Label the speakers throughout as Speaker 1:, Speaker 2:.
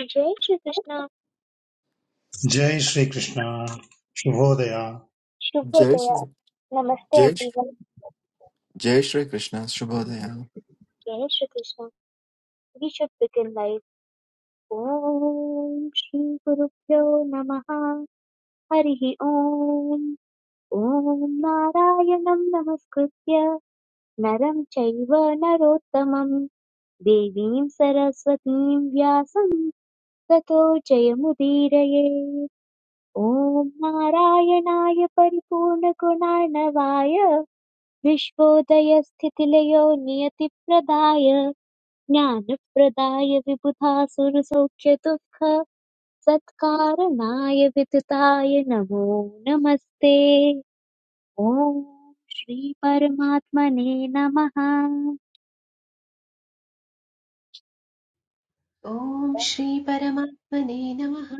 Speaker 1: जय Shri Krishna,
Speaker 2: जय श्रीकृष्ण शुभोदय
Speaker 3: जय
Speaker 1: Shubhodaya.
Speaker 3: श्री
Speaker 1: Namaste
Speaker 3: जय श्री-
Speaker 1: everyone.
Speaker 3: जय Shri Krishna शुभोदय
Speaker 1: Jai Shri Krishna. We should begin life. Om Shri Guru Namaha Harihi Om. Om Narayanam Namaskritya Naram Chaiva Narottamam Devim Saraswatim Vyasam Tato Jayamudiraya. Om Narayanaaya Paripurna Gunarnavaya. विश्वोदयस्थितिलयो नियतिप्रदाय ज्ञानप्रदाय विबुधा सुरसौख्यदुःख सत्कारणाय विदुताय नमो नमस्ते ॐ श्रीपरमात्मने नमः
Speaker 4: ॐ श्री परमात्मने नमः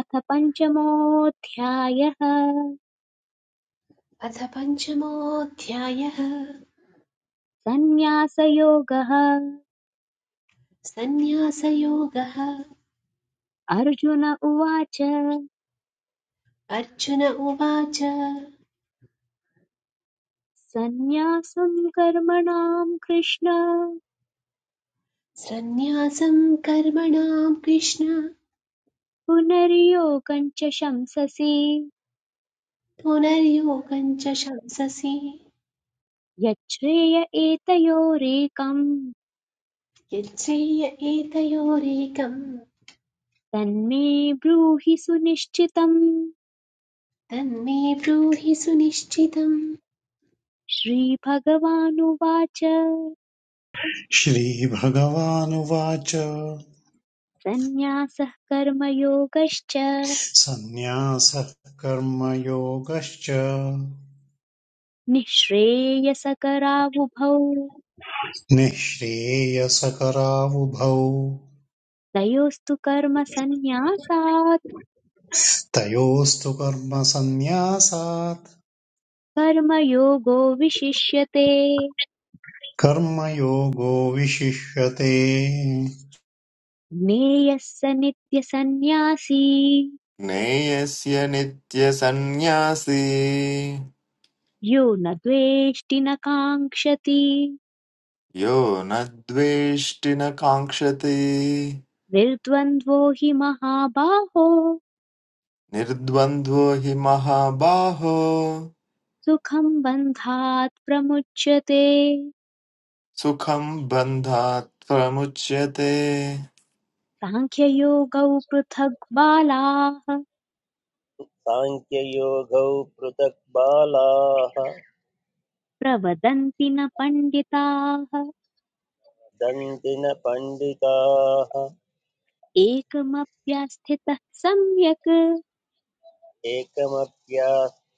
Speaker 1: अथ पञ्चमोऽध्यायः
Speaker 4: अथ पञ्चमोऽध्यायः
Speaker 1: सन्न्यासयोगः
Speaker 4: सन्न्यासयोगः
Speaker 1: अर्जुन उवाच
Speaker 4: अर्जुन उवाच
Speaker 1: सन्न्यासं कर्मणां कृष्ण
Speaker 4: सन्न्यासं कर्मणां कृष्ण
Speaker 1: पुनर्यो च शंससि
Speaker 4: पुनर्योगं च शंससि
Speaker 1: यच्छ्रेय एतयोरेकम्
Speaker 4: यच्चेय एतयोरेकं
Speaker 1: तन्मे ब्रूहि सुनिश्चितम्
Speaker 4: तन्मे ब्रूहि सुनिश्चितम्
Speaker 1: श्रीभगवानुवाच
Speaker 2: श्रीभगवानुवाच
Speaker 1: सन्न्यासः कर्मयोगश्च
Speaker 2: सन्न्यासः कर्मयोगश्च
Speaker 1: निःश्रेयसकरावुभौ
Speaker 2: निःश्रेयसकरावुभौ
Speaker 1: तयोस्तु कर्मसन्न्यासात्
Speaker 2: तयोस्तु कर्मसन्न्यासात्
Speaker 1: कर्मयोगो विशिष्यते
Speaker 2: कर्मयोगो विशिष्यते
Speaker 1: ज्ञेयः स नित्यसन्न्यासी
Speaker 3: ज्ञेयस्य नित्यसन्न्यासी
Speaker 1: यो न द्वेष्टि न काङ्क्षति
Speaker 3: यो न द्वेष्टि न काङ्क्षति
Speaker 1: निर्द्वन्द्वो हि महाबाहो
Speaker 3: निर्द्वन्द्वो हि महाबाहो
Speaker 1: सुखं बन्धात् प्रमुच्यते
Speaker 3: सुखं बन्धात् प्रमुच्यते
Speaker 1: साङ्ख्ययोगौ पृथग् बालाः
Speaker 5: साङ्ख्ययोगौ पृथक् बालाः
Speaker 1: प्रवदन्ति न पण्डिताः
Speaker 5: दन्तिन पण्डिताः
Speaker 1: एकमप्यास्थितः सम्यक्
Speaker 5: एकमप्यास्त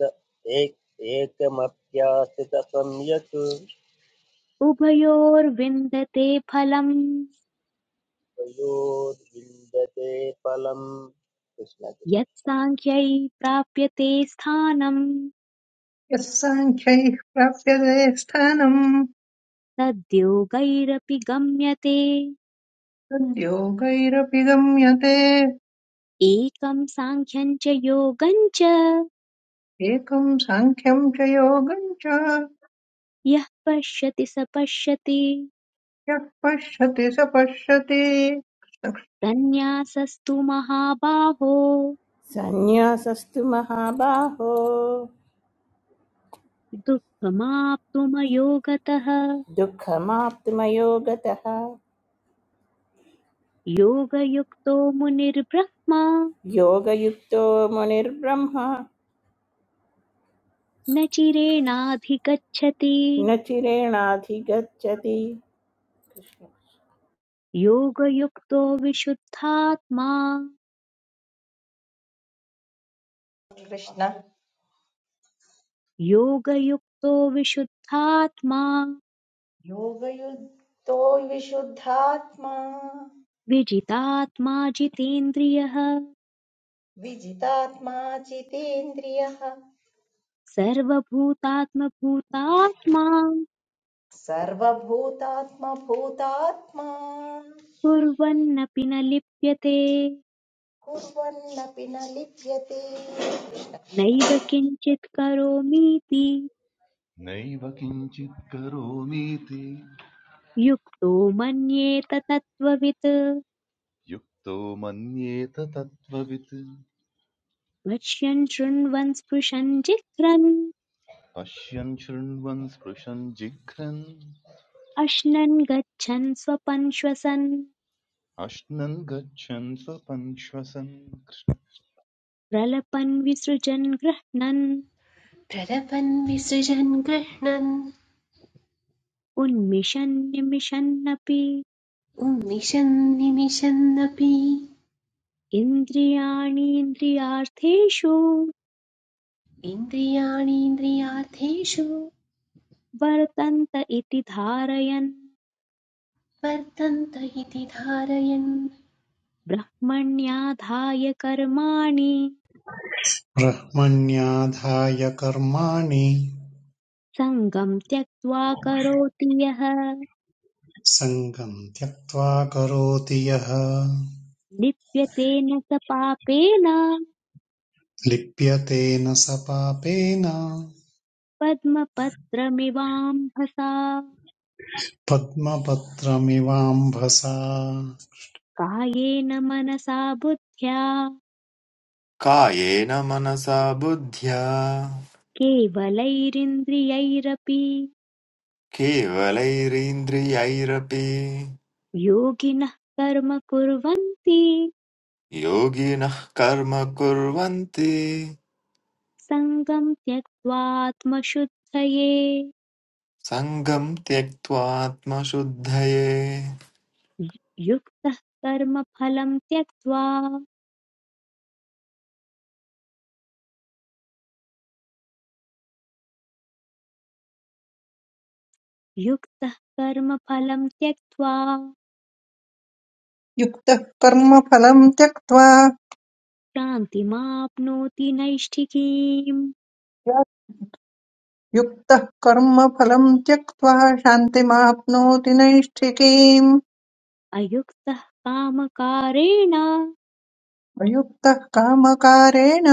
Speaker 5: एक- एकमप्यास्थितसंयत्
Speaker 1: उभयोर्विन्दते फलम्
Speaker 5: तयोर्विन्दते फलम् कृष्ण कृष्ण।
Speaker 1: यत् साङ्ख्यै प्राप्यते स्थानं
Speaker 6: यस्साङ्ख्यैः प्राप्यते स्थानम्
Speaker 1: तद्योगैरपि गम्यते
Speaker 6: तद्योगैरपि गम्यते
Speaker 1: एकं साङ्ख्यं च योगं च
Speaker 6: एकम् साङ्ख्यम् च योगम् च
Speaker 1: यः पश्यति स पश्यति
Speaker 6: यः पश्यति स पश्यति
Speaker 1: सन्न्यासस्तु महाबाहो
Speaker 7: सन्न्यासस्तु महाबाहो
Speaker 1: दुःखमाप्तुमयोगतः
Speaker 7: दुःखमाप्तुमयो गतः
Speaker 1: योगयुक्तो मुनिर्ब्रह्मा
Speaker 7: योगयुक्तो मुनिर्ब्रह्मा
Speaker 1: न चिरेणाधिगच्छति
Speaker 7: न चिरेणाधिगच्छति कृष्ण।
Speaker 1: योगयुक्तो विशुद्धात्मा
Speaker 8: कृष्ण
Speaker 1: योगयुक्तो विशुद्धात्मा
Speaker 8: योगयुक्तो विशुद्धात्मा
Speaker 1: विजितात्मा जितेन्द्रियः
Speaker 8: विजितात्मा जितेन्द्रियः
Speaker 1: सर्वभूतात्मभूतात्मा
Speaker 8: सर्वभूतात्मभूतात्मा
Speaker 1: कुर्वन्नपि न लिप्यते
Speaker 8: कुर्वन्नपि न लिप्यते
Speaker 1: नैव किञ्चित् करोमीति
Speaker 9: नैव किञ्चित् करोमीति
Speaker 1: युक्तो मन्येत तत्त्ववित्
Speaker 9: युक्तो मन्येत तत्त्ववित्
Speaker 1: पश्यन् शृण्वन् स्पृशन् जिघ्रन्
Speaker 9: पश्यन् शृण्वन् स्पृशन् जिघ्रन्
Speaker 1: अश्नन् गच्छन् स्वपन् श्वसन्
Speaker 9: अश्नन् गच्छन् स्वपन् श्वसन्
Speaker 1: प्रलपन् विसृजन् गृह्णन्
Speaker 4: प्रलपन् विसृजन् गृह्णन्
Speaker 1: उन्मिषन् निमिषन्नपि
Speaker 4: उन्मिषन् निमिषन्नपि
Speaker 1: इन्द्रियाणीन्द्रियार्थेषु
Speaker 4: इन्द्रियाणीन्द्रियार्थेषु
Speaker 1: वर्तन्त इति धारयन्
Speaker 4: वर्तन्त इति धारयन्
Speaker 1: ब्रह्मण्याधाय कर्माणि
Speaker 2: ब्रह्मण्याधाय कर्माणि
Speaker 1: सङ्गम् त्यक्त्वा करोति यः
Speaker 2: सङ्गम् त्यक्त्वा करोति यः
Speaker 1: लिप्यते न स पापेन
Speaker 2: लिप्यतेन स पापेन
Speaker 1: पद्मपत्रमिवाम्भसा
Speaker 2: पद्मपत्रमिवाम्भसा
Speaker 1: कायेन मनसा बुद्ध्या
Speaker 3: कायेन मनसा बुद्ध्या
Speaker 1: केवलैरिन्द्रियैरपि
Speaker 3: केवलैरिन्द्रियैरपि
Speaker 1: योगिनः कर्म कुर्वन्ति
Speaker 3: योगिनः कर्म कुर्वन्ति
Speaker 1: सङ्गम् त्यक्त्वात्मशुद्धये
Speaker 3: सङ्गं त्यक्त्वात्मशुद्धये
Speaker 1: युक्तः कर्मफलम् त्यक्त्वा युक्तः कर्मफलम् त्यक्त्वा
Speaker 6: युक्तः कर्मफलम् त्यक्त्वा
Speaker 1: शान्तिमाप्नोति नैष्ठिकीम्
Speaker 6: युक्तः कर्मफलम् त्यक्त्वा शान्तिमाप्नोति नैष्ठिकीम्
Speaker 1: अयुक्तः कामकारेण
Speaker 6: अयुक्तः कामकारेण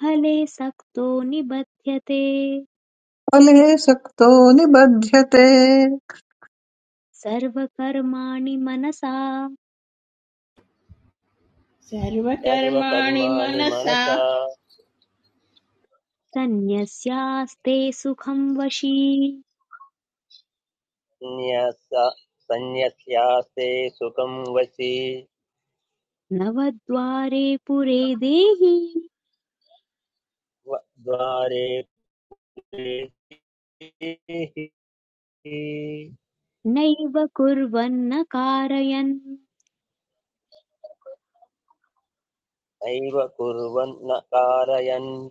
Speaker 1: फले सक्तो निबध्यते
Speaker 6: फले सक्तो निबध्यते न
Speaker 1: सर्वकर्माणि मनसा
Speaker 7: सर्वकर्माणि
Speaker 5: सर्वकर्माणि
Speaker 7: मनसा
Speaker 5: मनसा
Speaker 1: सन्न्यस्यास्ते सुखं वशी
Speaker 5: न्यस सन्न्यस्यास्ते सुखं वशी
Speaker 1: नवद्वारे पुरे देहि
Speaker 5: व- द्वारे
Speaker 1: नैव कुर्वन्न कारयन्
Speaker 5: नैव कुर्वन् न कारयन्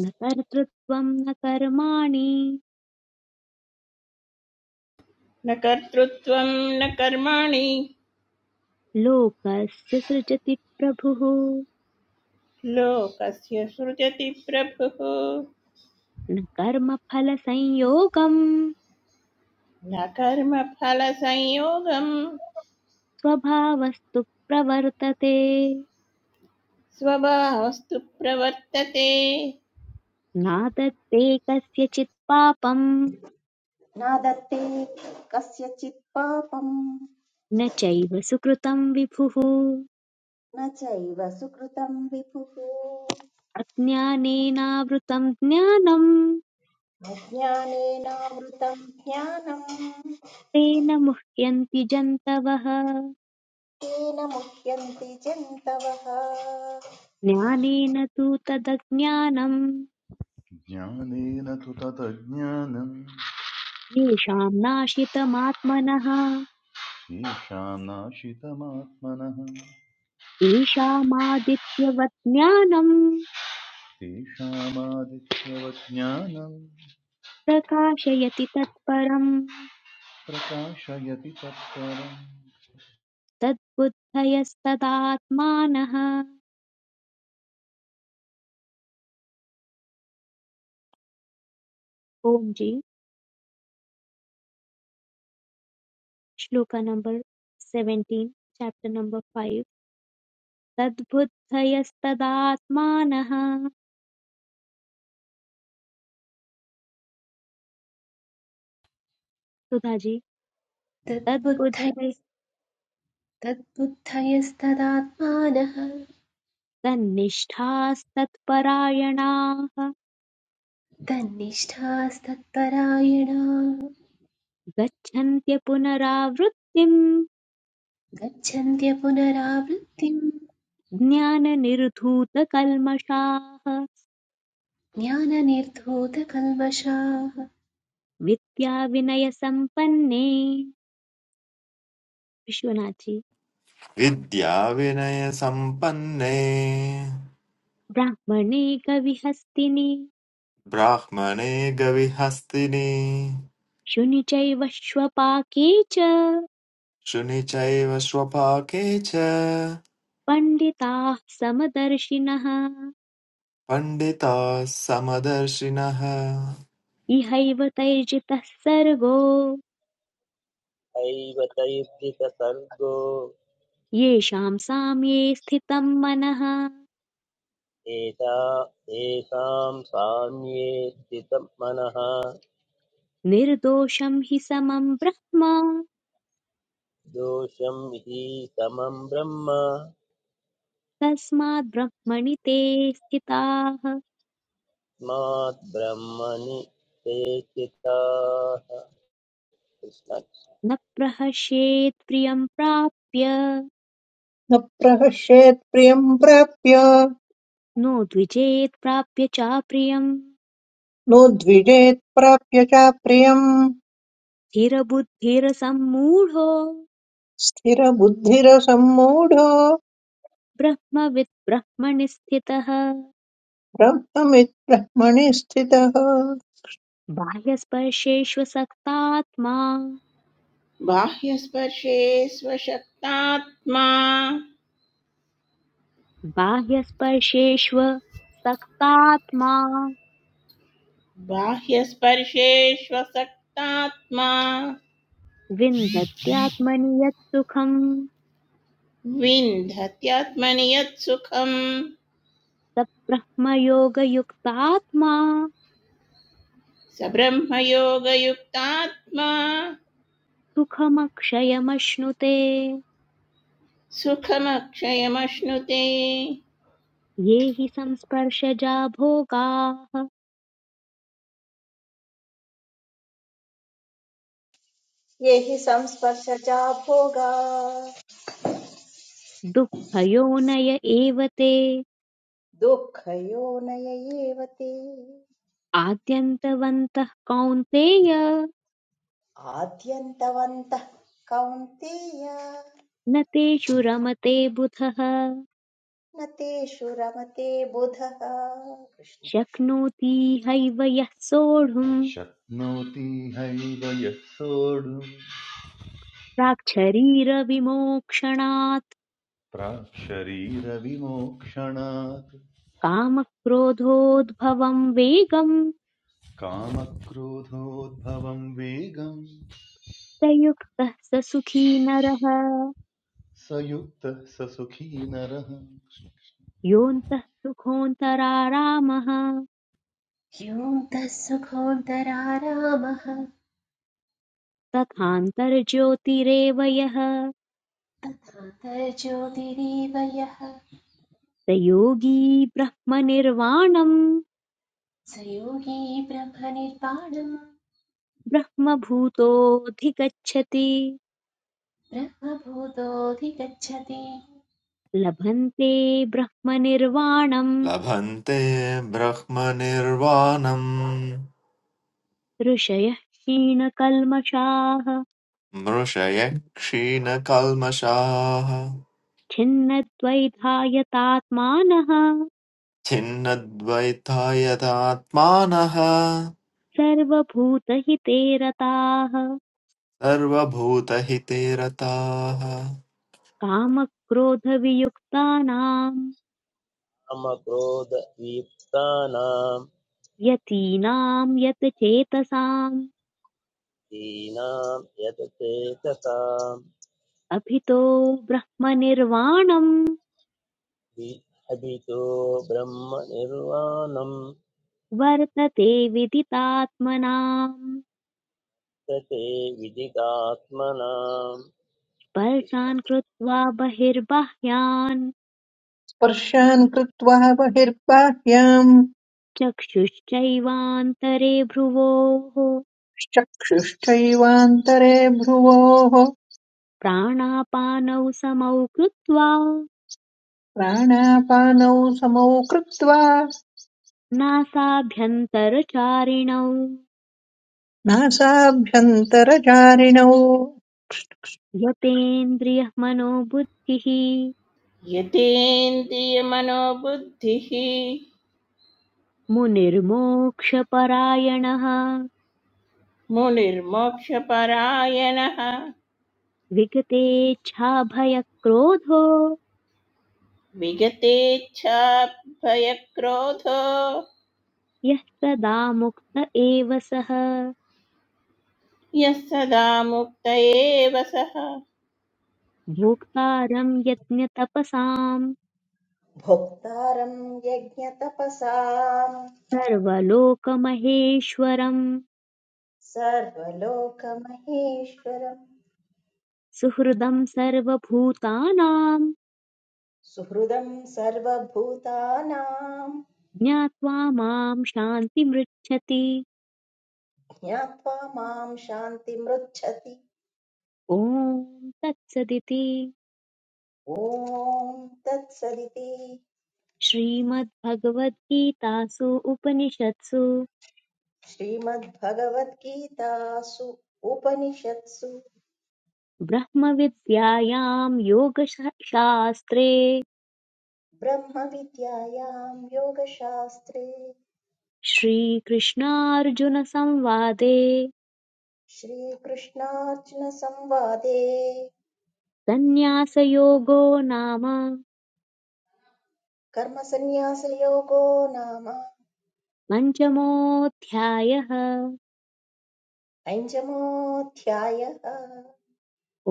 Speaker 1: न कर्तृत्वं न कर्माणि
Speaker 7: न कर्तृत्वं न कर्माणि
Speaker 1: लोकस्य सृजति प्रभुः
Speaker 7: लोकस्य सृजति प्रभुः
Speaker 1: न कर्मफलसंयोगम्
Speaker 7: न कर्मफलसंयोगं
Speaker 1: स्वभावस्तु प्रवर्तते
Speaker 7: स्वभावस्तु प्रवर्तते
Speaker 1: नादत्ते कस्यचित् पापम्
Speaker 8: न दत्ते कस्यचित् पापम्
Speaker 1: न चैव सुकृतम् विभुः
Speaker 8: न चैव सुकृतं विभुः
Speaker 1: अज्ञानेनावृतम् ज्ञानम्
Speaker 8: अज्ञानेनावृतं ज्ञानम्
Speaker 1: तेन मुह्यन्ति जन्तवः
Speaker 8: तेन मुह्यन्ति जन्तवः
Speaker 1: ज्ञानेन तु तदज्ञानम्
Speaker 9: ज्ञानेन तु ततज्ज्ञानम्
Speaker 1: येषाम् नाशितमात्मनः
Speaker 9: तेषां नाशितमात्मनः
Speaker 1: तेषामादित्यवत् ज्ञानम्
Speaker 9: तेषामादित्यवत् ज्ञानम्
Speaker 1: प्रकाशयति तत्परम्
Speaker 9: प्रकाशयति तत्परम्
Speaker 1: तद्बुद्धयस्तदात्मानः ओम् जी श्लोका नंबर 17 chapter number 5 तद्बुद्धयस्तदात्मानः सुधा जी तद्बुद्धय
Speaker 4: तद्बुद्धयस्तदात्मानः
Speaker 1: तन्निष्ठास्तत्परायणाः
Speaker 4: तन्निष्ठास्तत्परायणाः
Speaker 1: गच्छन्त्य पुनरावृत्तिम्
Speaker 4: गच्छन्त्य पुनरावृत्तिम्
Speaker 1: ज्ञाननिर्धूतकल्मषाः
Speaker 4: ज्ञाननिर्धूतकल्मषाः
Speaker 1: विद्याविनयसम्पन्ने विश्वनाथी
Speaker 3: विद्याविनयसम्पन्ने
Speaker 1: ब्राह्मणे कविहस्तिनि
Speaker 3: ब्राह्मणे गविहस्तिनि
Speaker 1: शुनि चैव श्वपाके च
Speaker 3: शुनि चैव स्वपाके च
Speaker 1: पण्डिताः समदर्शिनः
Speaker 3: पण्डिताः समदर्शिनः
Speaker 1: इहैव तैर्जितः सर्गो
Speaker 5: दैवतैर्जितसर्गो
Speaker 1: येषां साम्ये स्थितं मनः
Speaker 5: एता तेषां साम्ये स्थितं मनः
Speaker 1: निर्दोषं हि समं ब्रह्म
Speaker 5: दोषं हि समं ब्रह्म
Speaker 1: तस्माद् ब्रह्मणि ते स्थिताः
Speaker 5: तस्मात् ब्रह्मणि ते चिताः
Speaker 1: न प्रहस्येत् प्रियं प्राप्य
Speaker 6: प्रहस्येत् प्रियम् प्राप्य
Speaker 1: नो द्विजेत् प्राप्य चाप्रियम्
Speaker 6: नोद्विजेत्प्राप्य च प्रियम्
Speaker 1: स्थिरबुद्धिरसम्मूढो
Speaker 6: स्थिरबुद्धिरसम्मूढो
Speaker 1: ब्रह्मविद् ब्रह्मणि स्थितः
Speaker 6: ब्रह्ममिद्ब्रह्मणि स्थितः
Speaker 1: बाह्यस्पर्शेष्वसक्तात्मा
Speaker 7: बाह्यस्पर्शे स्वशक्तात्मा
Speaker 1: बाह्यस्पर्शेष्व सक्तात्मा
Speaker 7: बाह्यस्पर्शे स्वशक्तात्मा
Speaker 1: विन्दत्यात्मनि यत् सुखम्
Speaker 7: विन्धत्यात्मनि यत् सुखम्
Speaker 1: स ब्रह्मयोगयुक्तात्मा
Speaker 7: स ब्रह्मयोगयुक्तात्मा
Speaker 1: सुखमक्षयमश्नुते
Speaker 7: सुखमक्षयमश्नुते
Speaker 1: ये हि संस्पर्शजा भोगाः
Speaker 8: ये हि संस्पर्शजा भोगा
Speaker 1: दुःखयोनय एव ते
Speaker 8: दुःखयोनयैव ते
Speaker 1: आद्यन्तवन्तः कौन्तेय
Speaker 8: आद्यन्तवन्तः कौन्तेय
Speaker 1: न तेषु रमते बुधः
Speaker 8: न तेषु रमते बुधः कृष्ण कृष्ण।
Speaker 1: शक्नोति हैव यः सोढुम्
Speaker 9: शक्नोति हैव यः सोढुम्
Speaker 1: प्राक्शरीरविमोक्षणात्
Speaker 9: प्राक् शरीरविमोक्षणात्
Speaker 1: कामक्रोधोद्भवम् वेगम्
Speaker 9: कामक्रोधोद्भवं वेगं
Speaker 1: प्रयुक्तः स सुखी नरः
Speaker 9: स युक्तः स सुखी नरः
Speaker 1: योऽन्तः सुखोऽन्तरारामः
Speaker 4: योऽन्तः सुखोऽन्तरारामः
Speaker 1: तथान्तर्ज्योतिरेव यः
Speaker 4: आन्तर्ज्योतिरीव यः
Speaker 1: स योगी ब्रह्मनिर्वाणम्
Speaker 4: स योगी ब्रह्मनिर्वाणम्
Speaker 1: ब्रह्मभूतोऽधिगच्छति
Speaker 4: ब्रह्मभूतोऽधिगच्छति
Speaker 1: लभन्ते ब्रह्मनिर्वाणम्
Speaker 3: लभन्ते ब्रह्मनिर्वाणम्
Speaker 1: ऋषयः क्षीणकल्मषाः
Speaker 3: मृषयः क्षीणकल्मषाः
Speaker 1: छिन्नद्वैधायतात्मानः
Speaker 3: छिन्नद्वैतायतात्मानः
Speaker 1: सर्वभूतहिते रताः
Speaker 3: सर्वभूतहिते रताः
Speaker 1: कामक्रोधवियुक्तानां
Speaker 5: कृष्णकामक्रोधयुक्तानां
Speaker 1: यतीनां यतचेतसाम्
Speaker 5: दीनां यत्
Speaker 1: अभितो ब्रह्मनिर्वाणं
Speaker 5: अभितो ब्रह्मनिर्वाणं
Speaker 1: वर्तते विदितात्मनाम्
Speaker 5: तते विदितात्मनां
Speaker 1: स्पर्शान् कृत्वा बहिर्बाह्यान्
Speaker 6: स्पर्शान् कृत्वा बहिर्बाह्याम्
Speaker 1: चक्षुश्चैवान्तरे भ्रुवोः
Speaker 6: चक्षुश्चैवान्तरे भ्रुवोः
Speaker 1: प्राणापानौ समौ कृत्वा
Speaker 6: प्राणापानौ समौ कृत्वा
Speaker 1: नासाभ्यन्तरचारिणौ
Speaker 6: नासाभ्यन्तरचारिणौ
Speaker 1: यतेन्द्रियः मनोबुद्धिः
Speaker 7: यतेन्द्रियमनोबुद्धिः
Speaker 1: मुनिर्मोक्षपरायणः
Speaker 7: मुनिर्मोक्षपरायणः
Speaker 1: विगतेच्छाभयक्रोधो
Speaker 7: विगतेच्छाभयक्रोधो
Speaker 1: यः सदा मुक्त एव सः
Speaker 7: यः सदा मुक्त एव सः
Speaker 1: भोक्तारं यज्ञतपसाम्
Speaker 8: भोक्तारं यज्ञतपसां
Speaker 1: सर्वलोकमहेश्वरम्
Speaker 8: सर्वलोकमहेश्वरं
Speaker 1: सुहृदं सर्वभूतानां
Speaker 8: सुहृदं सर्वभूतानां
Speaker 1: ज्ञात्वा मां शान्तिमृच्छति
Speaker 8: ज्ञात्वा मां शान्तिमृच्छति
Speaker 1: ॐ तत्सदिति
Speaker 8: ॐ तत्सदिति
Speaker 1: श्रीमद्भगवद्गीतासु उपनिषत्सु
Speaker 8: श्रीमद्भगवद्गीतासु उपनिषत्सु
Speaker 1: ब्रह्मविद्यायां योगशास्त्रे
Speaker 8: ब्रह्मविद्यायां योगशास्त्रे
Speaker 1: श्रीकृष्णार्जुनसंवादे
Speaker 8: श्रीकृष्णार्जुनसंवादे
Speaker 1: सन्न्यासयोगो नाम
Speaker 8: कर्मसन्न्यासयोगो नाम
Speaker 1: पञ्चमोऽध्यायः
Speaker 8: पञ्चमोऽध्यायः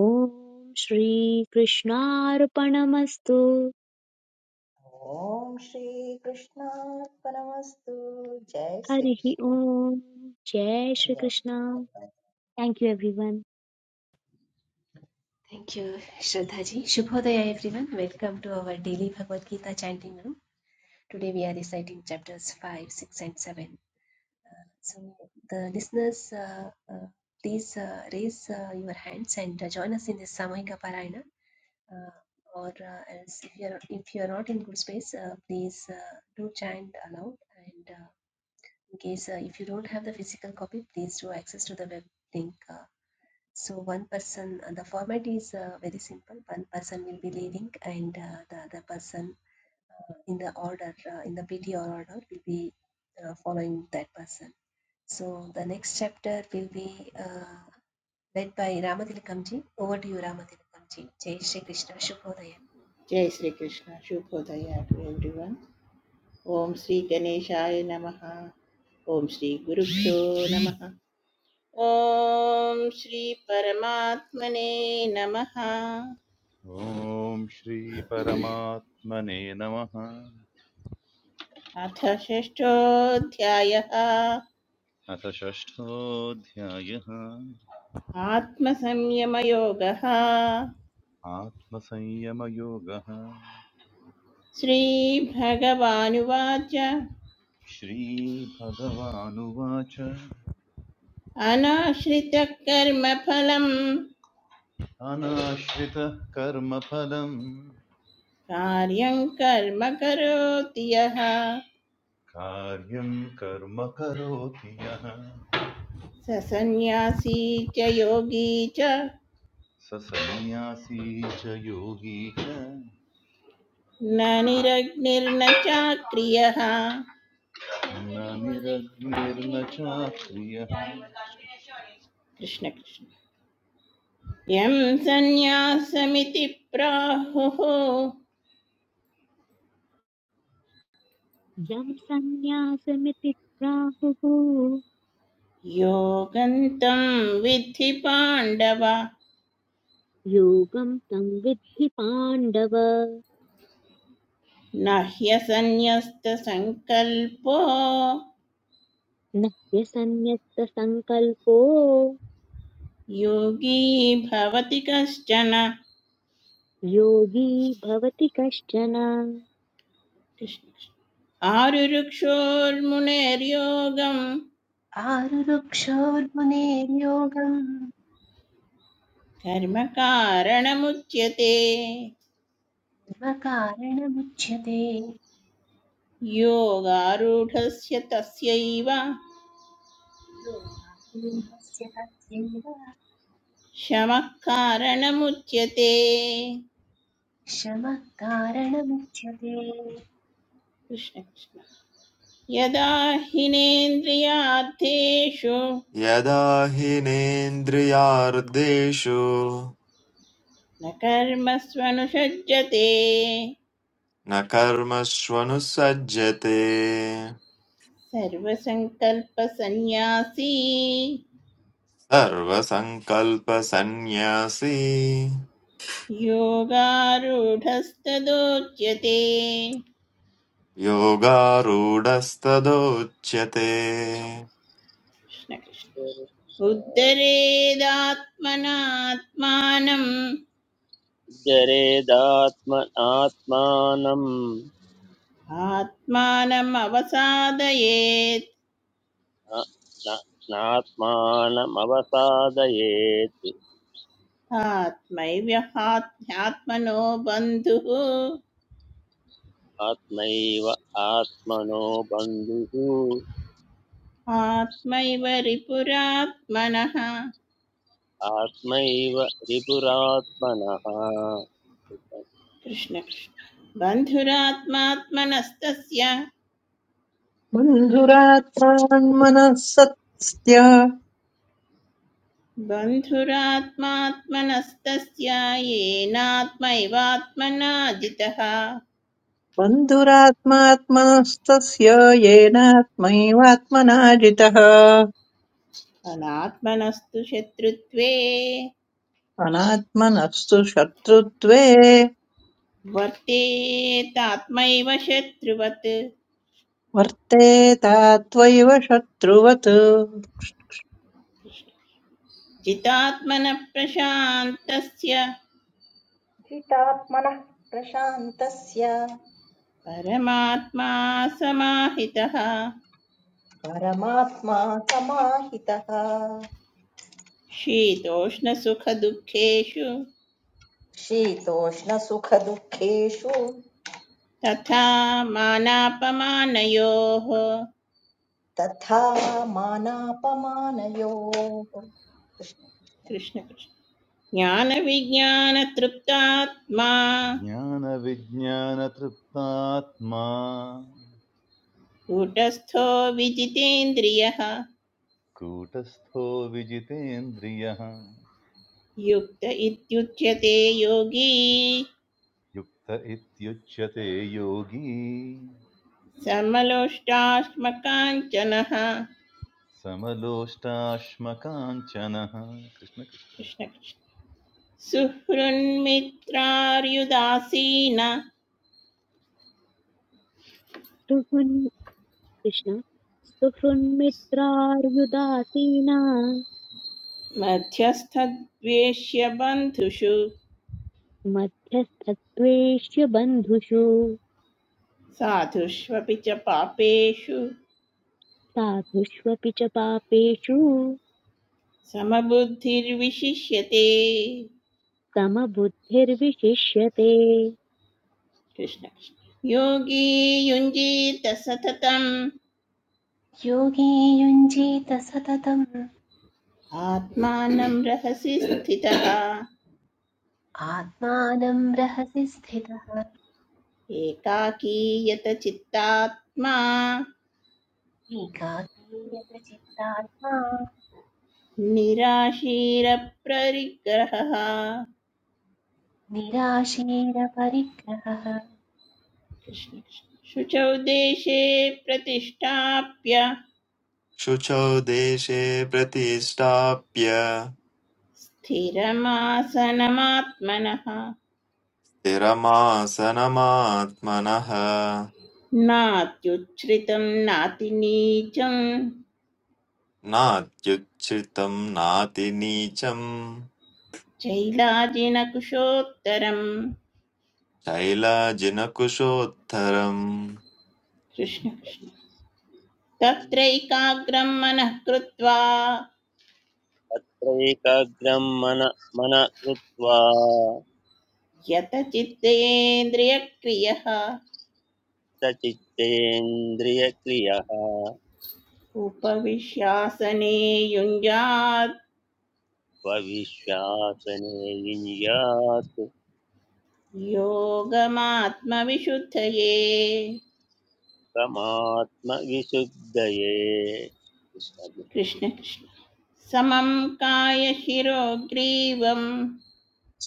Speaker 1: ॐ श्रीकृष्णार्पणमस्तु
Speaker 8: ॐ श्रीकृष्णार्पणमस्तु जय
Speaker 1: हरिः
Speaker 8: श्रीकृष्ण
Speaker 1: ॐ जय
Speaker 8: धन्यवादः
Speaker 1: Shri Krishna thank you everyone
Speaker 4: Thank you, Shraddhaji. Shubhodaya, everyone. Welcome to our daily Bhagavad Gita chanting room. Today we are reciting chapters 5, 6, and 7. So, the listeners, uh, uh, please uh, raise uh, your hands and uh, join us in this Samahika Parayana. Uh, or uh, else if you are if you are not in good space, uh, please uh, do chant aloud. And uh, in case uh, if you don't have the physical copy, please do access to the web link. uh, so one person, uh, the format is uh, very simple. One person will be leading, and uh, the other person uh, in the order, uh, in the PTR order, will be uh, following that person. So the next chapter will be uh, led by Ramathilakamji. Over to you, Ramathilakamji. Jai Shri Krishna Shubhodaya.
Speaker 7: जय Shri Krishna शुभोदय two everyone ॐ श्रीगणेशाय नमः ॐ श्रीगुरुभ्यो नमः ओम ॐ परमात्मने नमः
Speaker 9: ॐ श्रीपरमात्मने नमः
Speaker 7: अथ षष्ठोऽध्यायः
Speaker 9: अथ षष्ठोऽध्यायः
Speaker 7: आत्मसंयमयोगः
Speaker 9: आत्मसंयमयोगः
Speaker 7: श्रीभगवानुवाच
Speaker 9: श्रीभगवानुवाच
Speaker 7: अनाश्रितकर्मफलम्
Speaker 9: अनाश्रितः कर्मफलम्
Speaker 7: कार्यं कर्म करोति यः
Speaker 9: कार्यं कर्म करोति यः
Speaker 7: स सन्न्यासी च योगी च
Speaker 9: स सन्न्यासी च योगी च
Speaker 7: न निरग्निर्न चाक्रियः
Speaker 9: न निरग्निर्न चाक्रियः
Speaker 7: कृष्णकृष्ण यं सन्न्यासमिति प्राहुः
Speaker 1: यं सन्न्यासमिति प्राहुः
Speaker 7: योगन्तं विद्धि पाण्डव
Speaker 1: योगं तं विद्धि पाण्डव
Speaker 7: न ह्यसन्न्यस्तसङ्कल्पो
Speaker 1: न ह्यसन्न्यस्तसङ्कल्पो
Speaker 7: योगी भवति कश्चन
Speaker 1: योगी भवति कश्चन
Speaker 7: कृष्ण कृष्ण आरुरुक्षोर्मुनेर्योगं
Speaker 4: आरुरुक्षोर्मुनेर्योगं
Speaker 7: धर्मकारणमुच्यते
Speaker 4: धर्मकारणमुच्यते
Speaker 7: योगारूढस्य तस्यैव
Speaker 4: योगारूढस्य तस्यैव
Speaker 7: शमः कारणमुच्यते
Speaker 4: शमः कारणमुच्यते
Speaker 7: कृष्णकृष्ण यदा हिनेन्द्रियार्थेषु
Speaker 3: यदा हीनेन्द्रियार्देशो
Speaker 7: न कर्मस्वनुषज्यते
Speaker 3: न कर्मष्वनुसज्जते
Speaker 7: सर्वसङ्कल्पसन्न्यासी
Speaker 3: सर्वसङ्कल्पसन्न्यासी
Speaker 7: योगारूढस्तदोच्यते
Speaker 3: योगारूढस्तदोच्यते
Speaker 7: कृष्णकृष्ण
Speaker 5: कृष्ण
Speaker 7: उद्धरेदात्मनात्मानं
Speaker 5: जरेदात्मनात्मानम्
Speaker 7: आत्मानम् अवसादयेत्
Speaker 5: न- न- नात्मानमवसादयेत्
Speaker 7: आत्मैव्यहात्मनो बन्धुः
Speaker 5: आत्मैव आत्मनो बन्धुः
Speaker 7: आत्मैव रिपुरात्मनः
Speaker 5: आत्मैव रिपुरात्मनः
Speaker 7: कृष्णकृष्ण बन्धुरात्मात्मनस्तस्य
Speaker 6: बन्धुरात्मान्मनः सत्स्त्य
Speaker 7: बन्धुरात्मात्मनस्तस्य येनात्मैवात्मना जितः
Speaker 6: बन्धुरात्मात्मनस्तस्य येनात्मैवात्मना जितः
Speaker 7: अनात्मनस्तु शत्रुत्वे
Speaker 6: अनात्मनस्तु शत्रुत्वे
Speaker 7: वर्तेतात्मैव शत्रुवत्
Speaker 6: वर्तेतात्वैव शत्रुवत्
Speaker 7: जितात्मनः प्रशान्तस्य
Speaker 8: चितात्मनः प्रशान्तस्य
Speaker 7: परमात्मा समाहितः
Speaker 8: परमात्मा समाहितः
Speaker 7: शीतोष्णसुखदुःखेषु
Speaker 8: शीतोष्णसुखदुःखेषु
Speaker 7: तथा मानापमानयोः
Speaker 8: तथा मानापमानयोः कृष्ण
Speaker 7: कृष्णकृष्ण ज्ञानविज्ञानतृप्तात्मा
Speaker 9: ज्ञानविज्ञानतृप्तात्मा
Speaker 7: कूटस्थो विजितेन्द्रियः
Speaker 9: कूटस्थो विजितेन्द्रियः
Speaker 7: युक्त इत्युच्यते योगी
Speaker 9: युक्त इत्युच्यते योगी
Speaker 7: समलोष्टाश्मकाञ्चनः
Speaker 9: समलोष्टाश्मकाञ्चनः कृष्णकृष्ण
Speaker 7: कृष्णकृष्ण सुहृन्मित्रार्युदासीन
Speaker 1: सुहृन् कृष्ण सुहृन्मित्रार्युदासीना
Speaker 7: मध्यस्थद्वेष्य बन्धुषु
Speaker 1: मध्यस्तत्त्वेष्य बन्धुषु
Speaker 7: साधुष्वपि च पापेषु
Speaker 1: साधुष्वपि च पापेषु
Speaker 7: समबुद्धिर्विशिष्यते
Speaker 1: समबुद्धिर्विशिष्यते
Speaker 7: कृष्ण कृष्ण। योगी युञ्जीत सततम्
Speaker 4: योगे युञ्जीत सततम्
Speaker 7: आत्मानं रहसि स्थितः
Speaker 4: आत्मानं रहसि स्थितः
Speaker 7: एकाकीयत चित्तात्मा
Speaker 4: एकाकीयतचित्तात्मा
Speaker 7: निराशीरप्ररिग्रहः
Speaker 4: निराशीरपरिग्रहः
Speaker 7: शुचौ देशे प्रतिष्ठाप्य
Speaker 3: शुचौ देशे प्रतिष्ठाप्य
Speaker 7: स्थिरमासनमात्मनः
Speaker 3: स्थिरमासनमात्मनः
Speaker 7: नात्युच्छ्रितं नातिनीचं
Speaker 3: नात्युच्छ्रितम् नातिनीचम्
Speaker 7: चैलाजिनकुशोत्तरम्
Speaker 3: शैलाजिनकुशोत्तरम्
Speaker 7: कृष्ण कृष्ण तत्रैकाग्रं मनः कृत्वा
Speaker 5: त्रैकाग्रं मन मन कृत्वा
Speaker 7: यतचित्तेन्द्रियक्रियः
Speaker 5: सचित्तेन्द्रियक्रियः
Speaker 7: उपविश्यासने युञ्जात्
Speaker 5: स्वविश्वासने युञ्यात्
Speaker 7: योगमात्मविशुद्धये
Speaker 5: परमात्मविशुद्धये
Speaker 7: कृष्ण कृष्ण समं कायशिरोग्रीवं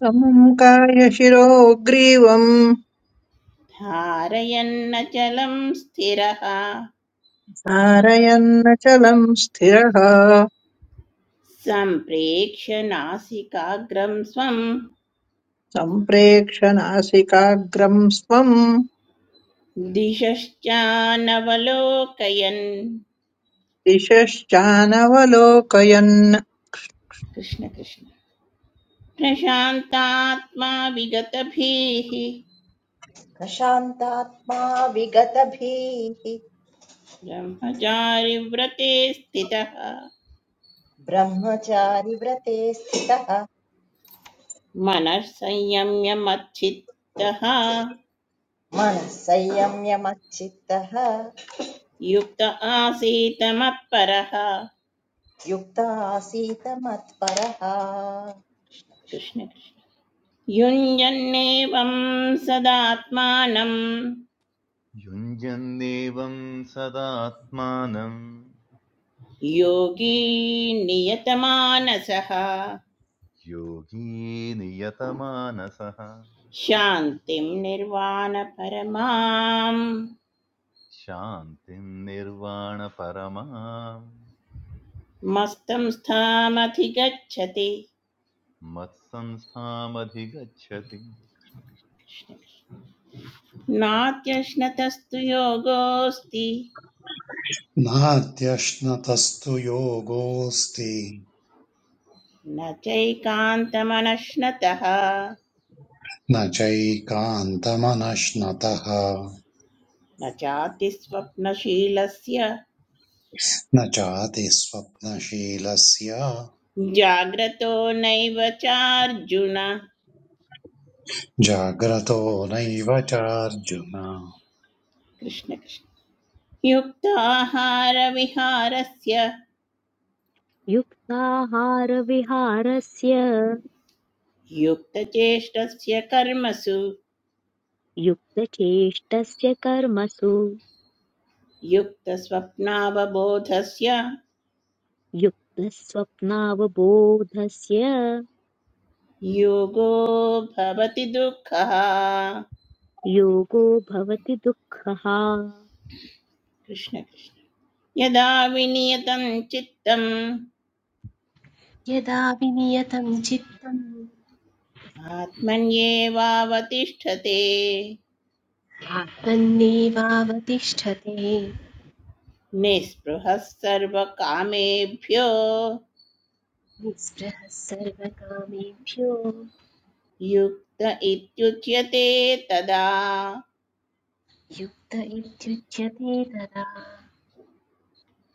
Speaker 6: समं कायशिरो ग्रीवम्
Speaker 7: धारयन्नचलं स्थिरः
Speaker 6: धारयन्नचलम् स्थिरः
Speaker 7: सम्प्रेक्ष्य नासिकाग्रं स्वं
Speaker 6: सम्प्रेक्ष नासिकाग्रम् स्वम्
Speaker 7: दिशश्चानवलोकयन्
Speaker 6: दिशश्चानवलोकयन्
Speaker 7: कृष्ण कृष्ण प्रशान्तात्मा विगतभीः
Speaker 8: शान्तात्मा विगतभीः
Speaker 7: ब्रह्मचारिव्रते स्थितः
Speaker 8: ब्रह्मचारी व्रते स्थितः
Speaker 7: मनः संयम्य मच्चित्तः
Speaker 8: मनः संयम्य मच्चित्तः
Speaker 7: युक्त आसीत् मत्परः
Speaker 8: युक्त मत्परः
Speaker 7: कृष्ण कृष्ण युञ्जन्नेवं सदात्मानं
Speaker 9: युञ्जन्नेवं सदात्मानं
Speaker 7: योगी नियतमानसः
Speaker 9: योगी नियतमानसः
Speaker 7: शान्तिं निर्वाणपरमां
Speaker 9: शान्तिं निर्वाणपरमां
Speaker 7: मस्तं स्थामधिगच्छति
Speaker 9: मत्संस्थामधिगच्छति
Speaker 7: नात्यश्नतस्तु योगोऽस्ति
Speaker 2: नाद्यश्नतस्तु योगोऽस्ति
Speaker 7: न चैकान्तमनश्नतः
Speaker 2: न चैकान्तमनश्नतः
Speaker 7: न चातिस्वप्नशीलस्य
Speaker 2: न चातिस्वप्नशीलस्य
Speaker 7: जाग्रतो नैव चार्जुन
Speaker 2: जाग्रतो नैव चार्जुन
Speaker 7: कृष्ण कृष्ण युक्ताहारविहारस्य
Speaker 1: युक्ताहारविहारस्य
Speaker 7: युक्तचेष्टस्य कर्मसु
Speaker 1: युक्तचेष्टस्य कर्मसु
Speaker 7: युक्तस्वप्नावबोधस्य
Speaker 1: युक्तस्वप्नावबोधस्य
Speaker 7: योगो भवति दुःखः
Speaker 1: योगो भवति दुःखः
Speaker 7: कृष्ण कृष्ण। यदा विनियतं चित्तम्
Speaker 4: यदा विनियतं चित्तम्
Speaker 7: आत्मन्येवावतिष्ठते
Speaker 4: आत्मन्नेवावतिष्ठते
Speaker 7: निःस्पृहः सर्वकामेभ्यो
Speaker 4: निःस्पृहः सर्वकामेभ्यो
Speaker 7: युक्त इत्युच्यते तदा
Speaker 4: युक्त इत्युच्यते तदा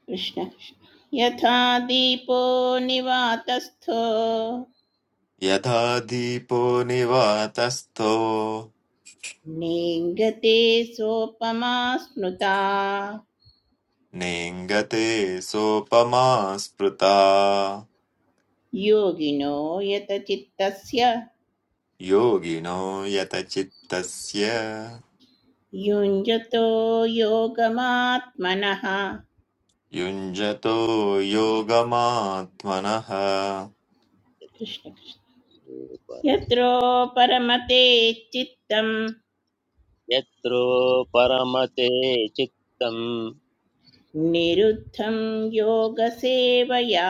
Speaker 7: कृष्ण कृष्ण। यथा दीपो निवातस्थो
Speaker 3: यथा दीपो निवातस्थो
Speaker 7: नेङ्गते सोपमा स्मृता
Speaker 3: नेङ्गते सोपमा स्मृता
Speaker 7: योगिनो यतचित्तस्य
Speaker 3: योगिनो यतचित्तस्य
Speaker 7: युञ्जतो योगमात्मनः
Speaker 3: युञ्जतो योगमात्मनः
Speaker 5: यत्रो
Speaker 7: कृष्ण कृष्ण।
Speaker 5: परम
Speaker 7: यत्रो परमते चित्तं
Speaker 5: यत्रो परमते चित्तं
Speaker 7: निरुद्धं योगसेवया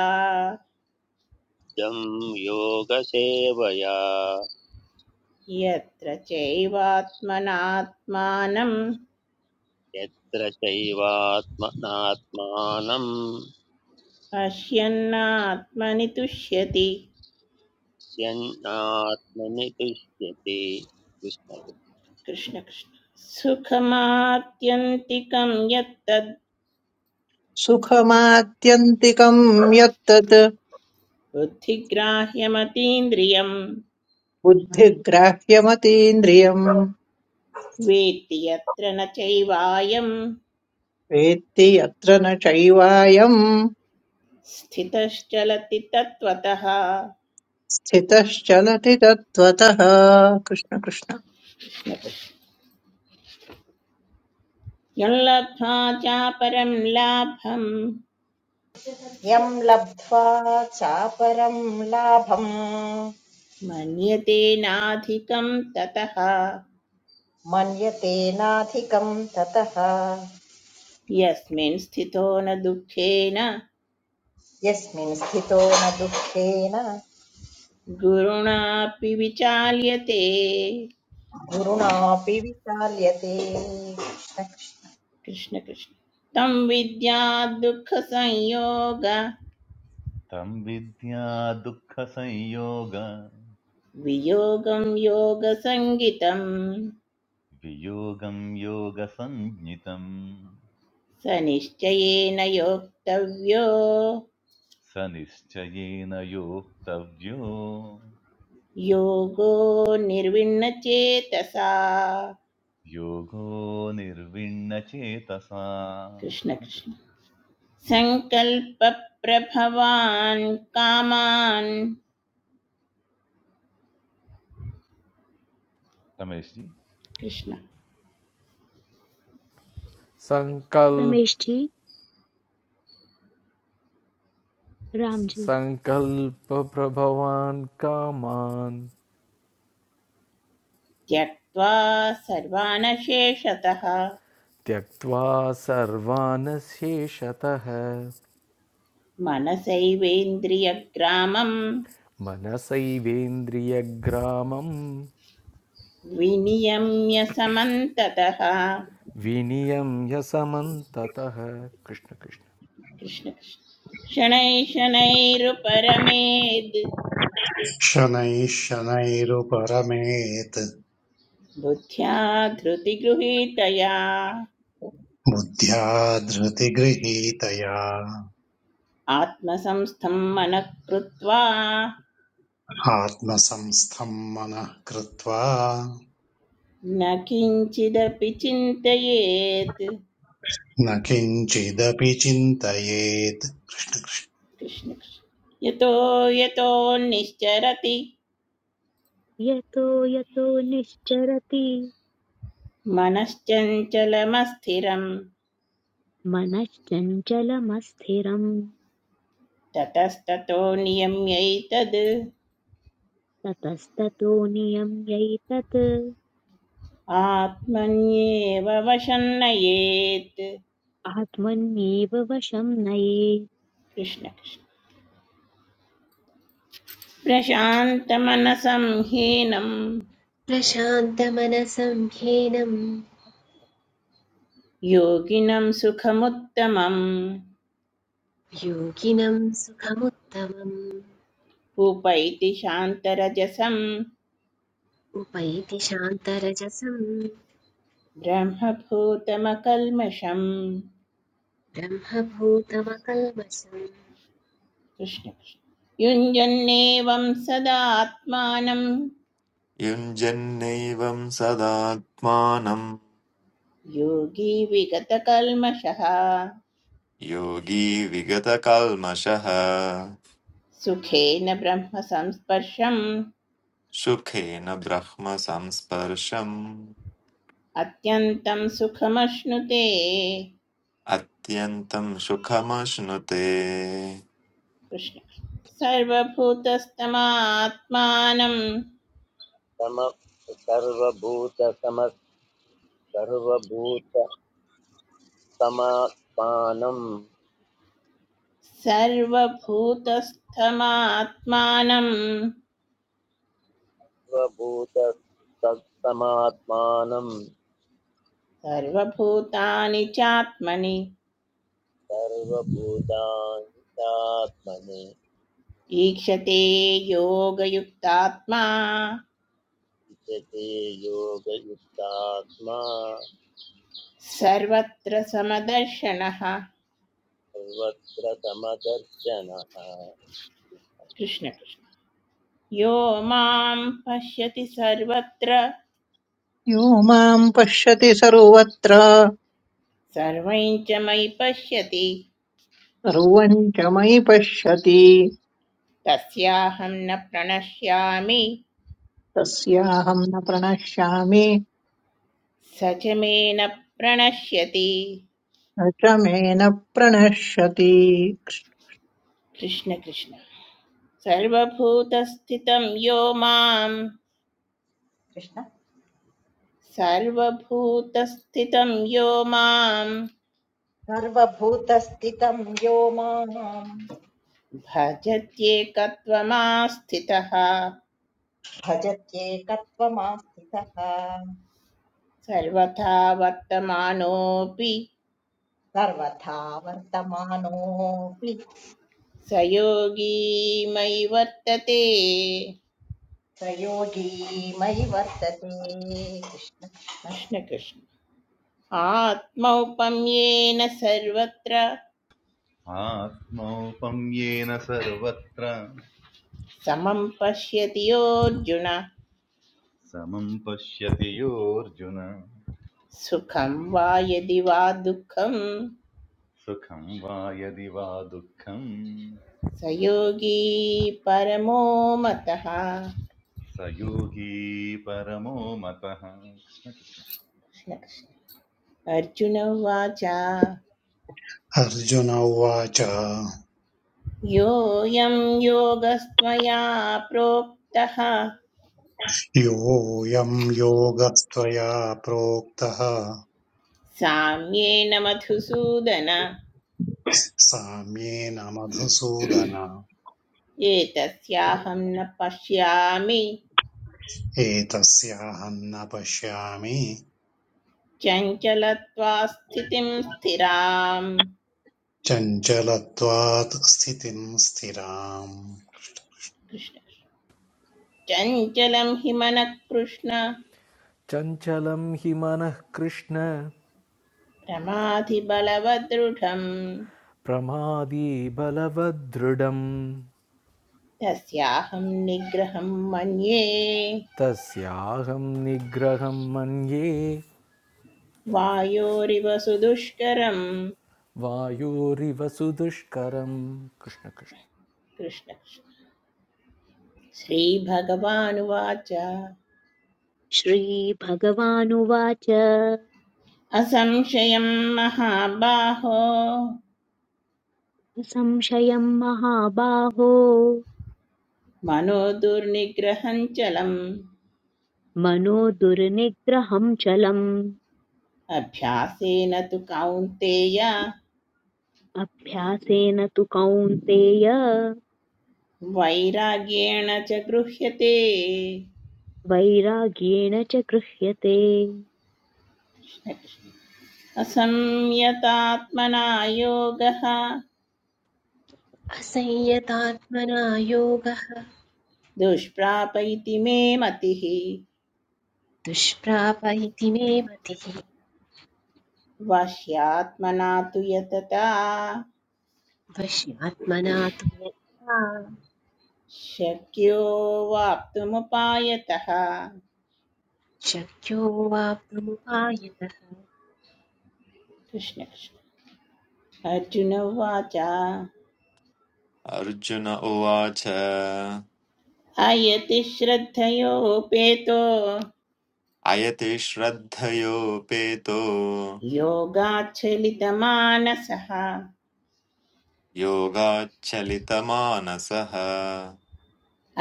Speaker 5: जं योगसेवया
Speaker 7: यत्र चैवात्मनात्मानं
Speaker 5: यत्र चैवात्मनात्मानं
Speaker 7: पश्यन्नात्मनि तुष्यति
Speaker 5: स्यन्नात्मनि तुष्यति कृष्ण
Speaker 7: कृष्णकृष्ण सुखमात्यन्तिकं यत्तद्
Speaker 6: सुखमात्यन्तिकम् यत्तत्
Speaker 7: बुद्धिग्राह्यमतीन्द्रियं
Speaker 6: बुद्धिग्राह्यमतीन्द्रियम्
Speaker 7: वेत्ति यत्र न चैवायं
Speaker 6: वेत्ति यत्र न चैवायम्
Speaker 7: स्थितश्चलति तत्त्वतः
Speaker 6: स्थितश्चलति तत्त्वतः कृष्ण कृष्ण
Speaker 7: यल्लब्ध्वा चापरं लाभं
Speaker 8: यम् लब्ध्वा चापरम् लाभं
Speaker 7: मन्यते नाधिकं ततः
Speaker 8: मन्यते नाधिकम् ततः
Speaker 7: यस्मिन् स्थितो न दुःखेन
Speaker 8: यस्मिन् स्थितो न दुःखेन
Speaker 7: गुरुणापि विचाल्यते
Speaker 8: गुरुणापि विचार्यते कृष्ण कृष्ण
Speaker 7: कृष्ण कृष्ण तं विद्या दुःखसंयोग
Speaker 9: तं विद्या दुःखसंयोग
Speaker 7: वियोगं योगसङ्गितं
Speaker 9: वियोगं योगसञ्ज्ञितम्
Speaker 7: स निश्चयेन योक्तव्यो
Speaker 9: स निश्चयेन योक्तव्यो
Speaker 7: योगो निर्विण्ण चेतसा,
Speaker 9: योगो निर्विण्णचेतसा
Speaker 7: कृष्ण
Speaker 9: कृष्ण
Speaker 7: कृष्ण
Speaker 9: कृष्ण
Speaker 7: संकल्प सङ्कल्पप्रभवान् कामान्
Speaker 9: रमेश जी
Speaker 7: कृष्ण
Speaker 10: संकल्प
Speaker 1: रमेश जी राम
Speaker 10: सङ्कल्प
Speaker 1: जी
Speaker 10: सङ्कल्पप्रभवान् कामान्
Speaker 7: त्यक्त्वा सर्वानशेषतः
Speaker 10: त्यक्त्वा सर्वान् शेषतः
Speaker 7: मनसैवेन्द्रियग्रामम्
Speaker 10: मनसैवेन्द्रियग्रामं
Speaker 7: विनियम्य समन्ततः
Speaker 10: विनियम्य समन्ततः कृष्ण कृष्ण
Speaker 7: कृष्णकृष्ण शनैः शनैरुपरमेद्
Speaker 2: शनैः शनैरुपरमेत्
Speaker 7: बुद्ध्या धृतिगृहीतया
Speaker 2: बुद्ध्या धृतिगृहीतया
Speaker 7: आत्मसंस्थं मनः कृत्वा
Speaker 2: आत्मसंस्थम् मनः कृत्वा
Speaker 7: न किञ्चिदपि चिन्तयेत्
Speaker 2: न किञ्चिदपि चिन्तयेत्
Speaker 7: कृष्णकृष्ण यतो यतो निश्चरति
Speaker 1: यतो यतो निश्चरति
Speaker 7: मनश्चञ्चलमस्थिरं
Speaker 1: मनश्चञ्चलमस्थिरम्
Speaker 7: ततस्ततो नियम्यैतद्
Speaker 1: ततस्ततो नियम्यैतत्
Speaker 7: आत्मन्येव वशन्नयेत्
Speaker 1: आत्मन्येव वशं नयेत्
Speaker 7: कृष्ण कृष्ण प्रशान्तमनसं हीनं
Speaker 4: प्रशान्तमनसं ह्येनं
Speaker 7: योगिनं सुखमुत्तमम्
Speaker 4: योगिनं सुखमुत्तमम्
Speaker 7: उपैति शान्तरजसं
Speaker 4: उपैति शान्तरजसं
Speaker 7: ब्रह्मभूतमकल्मषम्
Speaker 4: ब्रह्मभूतमकल्मषम्
Speaker 7: कृष्ण कृष्ण युञ्जन्नेवं सदात्मानं
Speaker 3: युञ्जन्नैवं सदात्मानं
Speaker 7: योगी विगतकल्मषः
Speaker 3: योगी विगतकल्मषः
Speaker 7: सुखेन ब्रह्मसंस्पर्शम्
Speaker 3: सुखेन ब्रह्म संस्पर्शम्
Speaker 7: अत्यन्तं सुखमश्नुते
Speaker 3: अत्यन्तं सुखमश्नुते
Speaker 7: कृष्ण सर्वभूतस्थमात्मानं
Speaker 5: सम सर्वभूत सम सर्वभूत समात्मानं
Speaker 7: सर्वभूतस्थमात्मानं
Speaker 5: सर्वभूत तत्समात्मानं
Speaker 7: सर्वभूतानि चात्मनि
Speaker 5: सर्वभूतानि तात्मनि
Speaker 7: ईक्षते योगयुक्तात्मा
Speaker 5: विचते योगयुक्तात्मा
Speaker 7: सर्वत्र समदर्शनः
Speaker 5: सर्वत्र समदर्शनः
Speaker 7: कृष्ण कृष्ण यो मां पश्यति सर्वत्र
Speaker 6: यो माम् पश्यति सर्वत्र
Speaker 7: सर्वं च मयि पश्यति
Speaker 6: सर्वम् च मयि पश्यति
Speaker 7: तस्याहं न प्रणश्यामि
Speaker 6: तस्याहम् न प्रणश्यामि
Speaker 7: स प्रणश्यति
Speaker 6: न च मे न प्रणश्यति
Speaker 7: कृष्ण कृष्ण सर्वभूतस्थितं यो मां
Speaker 8: कृष्ण
Speaker 7: सर्वभूतस्थितं यो मां
Speaker 8: सर्वभूतस्थितं यो माम्
Speaker 7: भजत्येकत्वमास्थितः
Speaker 8: भजत्येकत्वमास्थितः
Speaker 7: सर्वथा वर्तमानोऽपि
Speaker 8: सर्वथा वर्तमानोऽपि
Speaker 7: स योगी मयि वर्तते
Speaker 8: प्रयोगी मयि वर्तते कृष्ण कृष्ण
Speaker 7: कृष्ण कृष्ण आत्मौपम्येन सर्वत्र
Speaker 9: आत्मौपम्येन सर्वत्र
Speaker 7: समं पश्यति योऽर्जुन
Speaker 9: समं पश्यति योऽर्जुन
Speaker 7: सुखं वा यदि वा दुःखं
Speaker 9: सुखं वा यदि वा दुःखं
Speaker 7: स योगी परमो मतः कृष्ण
Speaker 9: स योगी परमो मतः
Speaker 7: कृष्ण। अर्जुन उवाच
Speaker 2: अर्जुन उवाच
Speaker 7: योऽयं योगस्त्वया प्रोक्तः
Speaker 2: योऽयं योगस्त्वया प्रोक्तः
Speaker 7: साम्येन मधुसूदन
Speaker 2: साम्येन मधुसूदन
Speaker 7: एतस्याहं न पश्यामि
Speaker 2: एतस्याहं न पश्यामि
Speaker 7: चञ्चलत्वा स्थितिं स्थिराम्
Speaker 2: चञ्चलत्वात् स्थितिं स्थिराम्
Speaker 7: कृष्ण चञ्चलं हि मनः
Speaker 10: चञ्चलं हि मनः कृष्ण प्रमादी बलवदृढम्
Speaker 7: तस्याहं निग्रहं मन्ये
Speaker 10: तस्याहं निग्रहं मन्ये
Speaker 7: वायोरिव सुदुष्करं
Speaker 10: वायोरिव सुदुष्करं कृष्ण कृष्ण
Speaker 7: कृष्ण श्रीभगवानुवाच
Speaker 1: श्रीभगवानुवाच
Speaker 7: असंशयं महाबाहो
Speaker 1: असंशयं महाबाहो
Speaker 7: मनो दुर्निग्रहं चलम्
Speaker 1: मनो दुर्निग्रहं चलम्
Speaker 7: अभ्यासेन तु कौन्तेय
Speaker 1: अभ्यासेन तु कौन्तेय
Speaker 7: वैराग्येण च गृह्यते
Speaker 1: वैराग्येण च गृह्यते
Speaker 7: असंयतात्मना योगः
Speaker 4: असंयतात्मना योगः
Speaker 7: दुष्प्राप इति मे मतिः
Speaker 4: दुष्प्राप इति मे मतिः
Speaker 7: वाह्यात्मना तु यतता
Speaker 4: वश्यात्मना तु यथा
Speaker 7: शक्यो वाप्तुमुपायतः
Speaker 4: शक्यो वाप्तुमुपायतः
Speaker 7: कृष्ण कृष्ण अर्जुन उवाच
Speaker 3: अर्जुन उवाच अयति
Speaker 7: अयति श्रद्धयोपेतो
Speaker 3: श्रद्धयोपेतो
Speaker 7: योगाच्छलितमानसः
Speaker 3: योगाच्चलितमानसः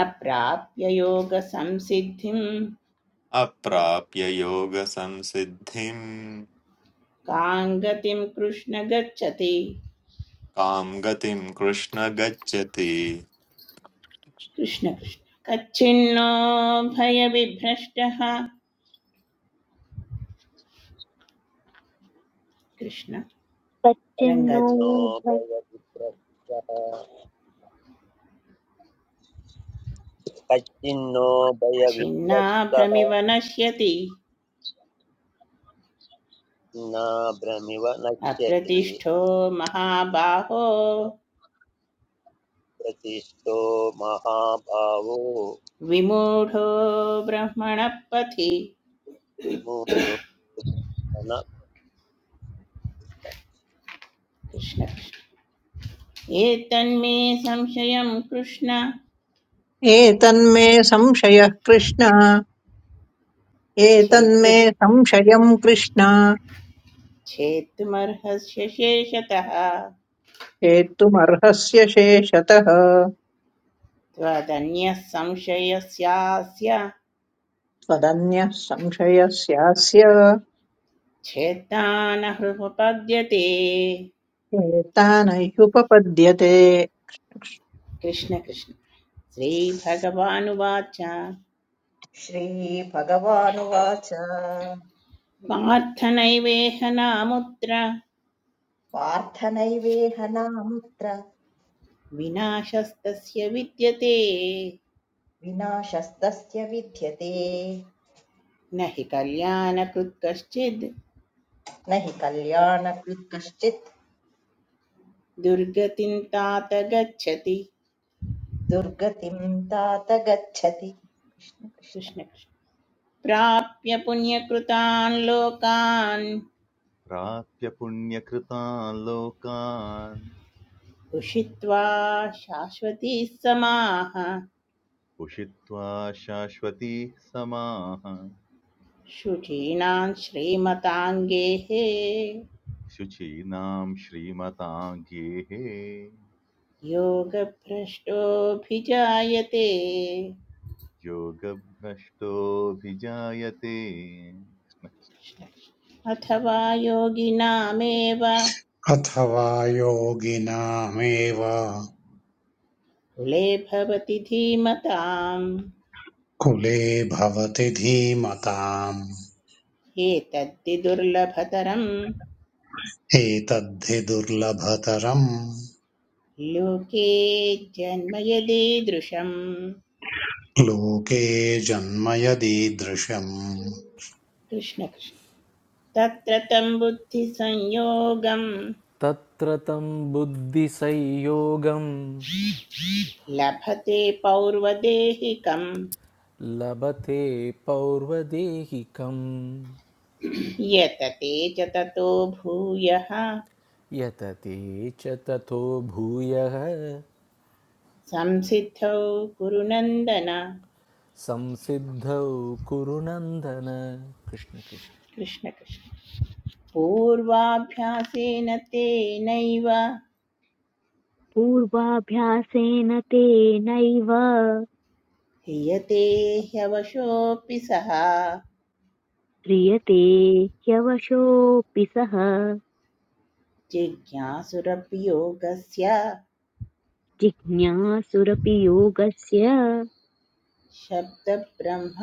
Speaker 7: अप्राप्य योगसंसिद्धिं
Speaker 3: अप्राप्य योगसंसिद्धिम्
Speaker 7: कां गतिं कृष्ण गच्छति
Speaker 3: कां गतिं कृष्ण गच्छति
Speaker 7: कृष्ण कृष्ण कच्छिन्नो भयविभ्रष्टः कृष्ण
Speaker 1: तच्चिन्नो
Speaker 7: रङ्गाजी
Speaker 5: कच्चिन्नो
Speaker 1: भव-
Speaker 5: भयविप्रस्तः कच्चिन्नो भयविप्रस्तः
Speaker 7: छिन्नाभ्रमिव नश्यति
Speaker 5: न भ्रमिव नश्यति
Speaker 7: अप्रतिष्ठो महाबाहो
Speaker 5: प्रतिष्ठो महाभावो
Speaker 7: विमूढो ब्रह्मणः पथि
Speaker 5: मूढो न
Speaker 7: कृष्ण कृष्ण। एतन्मे संशयं कृष्ण
Speaker 6: एतन्मे संशयः कृष्ण एतन्मे
Speaker 7: छेतु
Speaker 6: संशयम् कृष्ण
Speaker 7: छेत्तुमर्हस्य शेषतः
Speaker 6: हेतुमर्हस्य शेषतः
Speaker 7: त्वदन्यः संशयस्यास्य
Speaker 6: त्वदन्यः संशयस्यास्य
Speaker 7: छेत्ता न हृपपद्यते
Speaker 6: एतान ह्युपपद्यते
Speaker 7: कृष्ण कृष्ण श्रीभगवानुवाच
Speaker 8: श्रीभगवानुवाच
Speaker 7: पार्थनैवेह नामुत्र
Speaker 8: पार्थ नैवेह नामुत्र
Speaker 7: विनाशस्तस्य विद्यते
Speaker 8: विनाशस्तस्य विद्यते
Speaker 7: न हि कल्याणकृत् कश्चिद्
Speaker 8: न हि कल्याणकृत् कश्चित्
Speaker 7: दुर्गतिं तात गच्छति
Speaker 8: दुर्गतिं तात गच्छति कृष्ण कृष्ण
Speaker 7: कृष्ण कृष्ण। प्राप्य पुण्यकृतान् लोकान्
Speaker 9: प्राप्य पुण्यकृतान् लोकान्
Speaker 7: उषित्वा शाश्वती समाः
Speaker 9: उषित्वा शाश्वतीः समाः
Speaker 7: शुचीणां श्रीमताङ्गेः
Speaker 9: शुचीनां श्रीमतां गेः
Speaker 7: योगभ्रष्टोऽभिजायते
Speaker 9: योगभ्रष्टोऽभिजायते
Speaker 7: अथवा योगिनामेव
Speaker 2: अथवा योगिनामेव
Speaker 7: कुले भवति धीमताम्
Speaker 2: कुले भवति धीमताम्
Speaker 7: एतद्विदुर्लभतरं
Speaker 2: एतद्धि दुर्लभतरम्
Speaker 7: लोके जन्म यदीदृशम्
Speaker 2: लोके जन्म यदीदृशम्
Speaker 7: कृष्णकृष्ण तत्र तं बुद्धिसंयोगं
Speaker 10: तत्रतं बुद्धि बुद्धिसंयोगं
Speaker 7: लभते पौर्वदेहिकं
Speaker 10: लभते पौर्वदेहिकं
Speaker 7: यतते च ततो भूयः
Speaker 10: यतते च ततो भूयः
Speaker 7: संसिद्धौ कुरुनन्दन
Speaker 10: संसिद्धौ कुरु नन्दन कृष्ण कृष्ण
Speaker 7: कृष्णकृष्ण पूर्वाभ्यासेन तेनैव
Speaker 1: पूर्वाभ्यासेन तेनैव
Speaker 7: ह्रियते ह्यवशोऽपि सः
Speaker 1: ह्रियते ह्यवशोऽपि सः
Speaker 7: जिज्ञासुरपि योगस्य
Speaker 1: जिज्ञासुरपि योगस्य
Speaker 7: शब्दब्रह्मातिवर्तते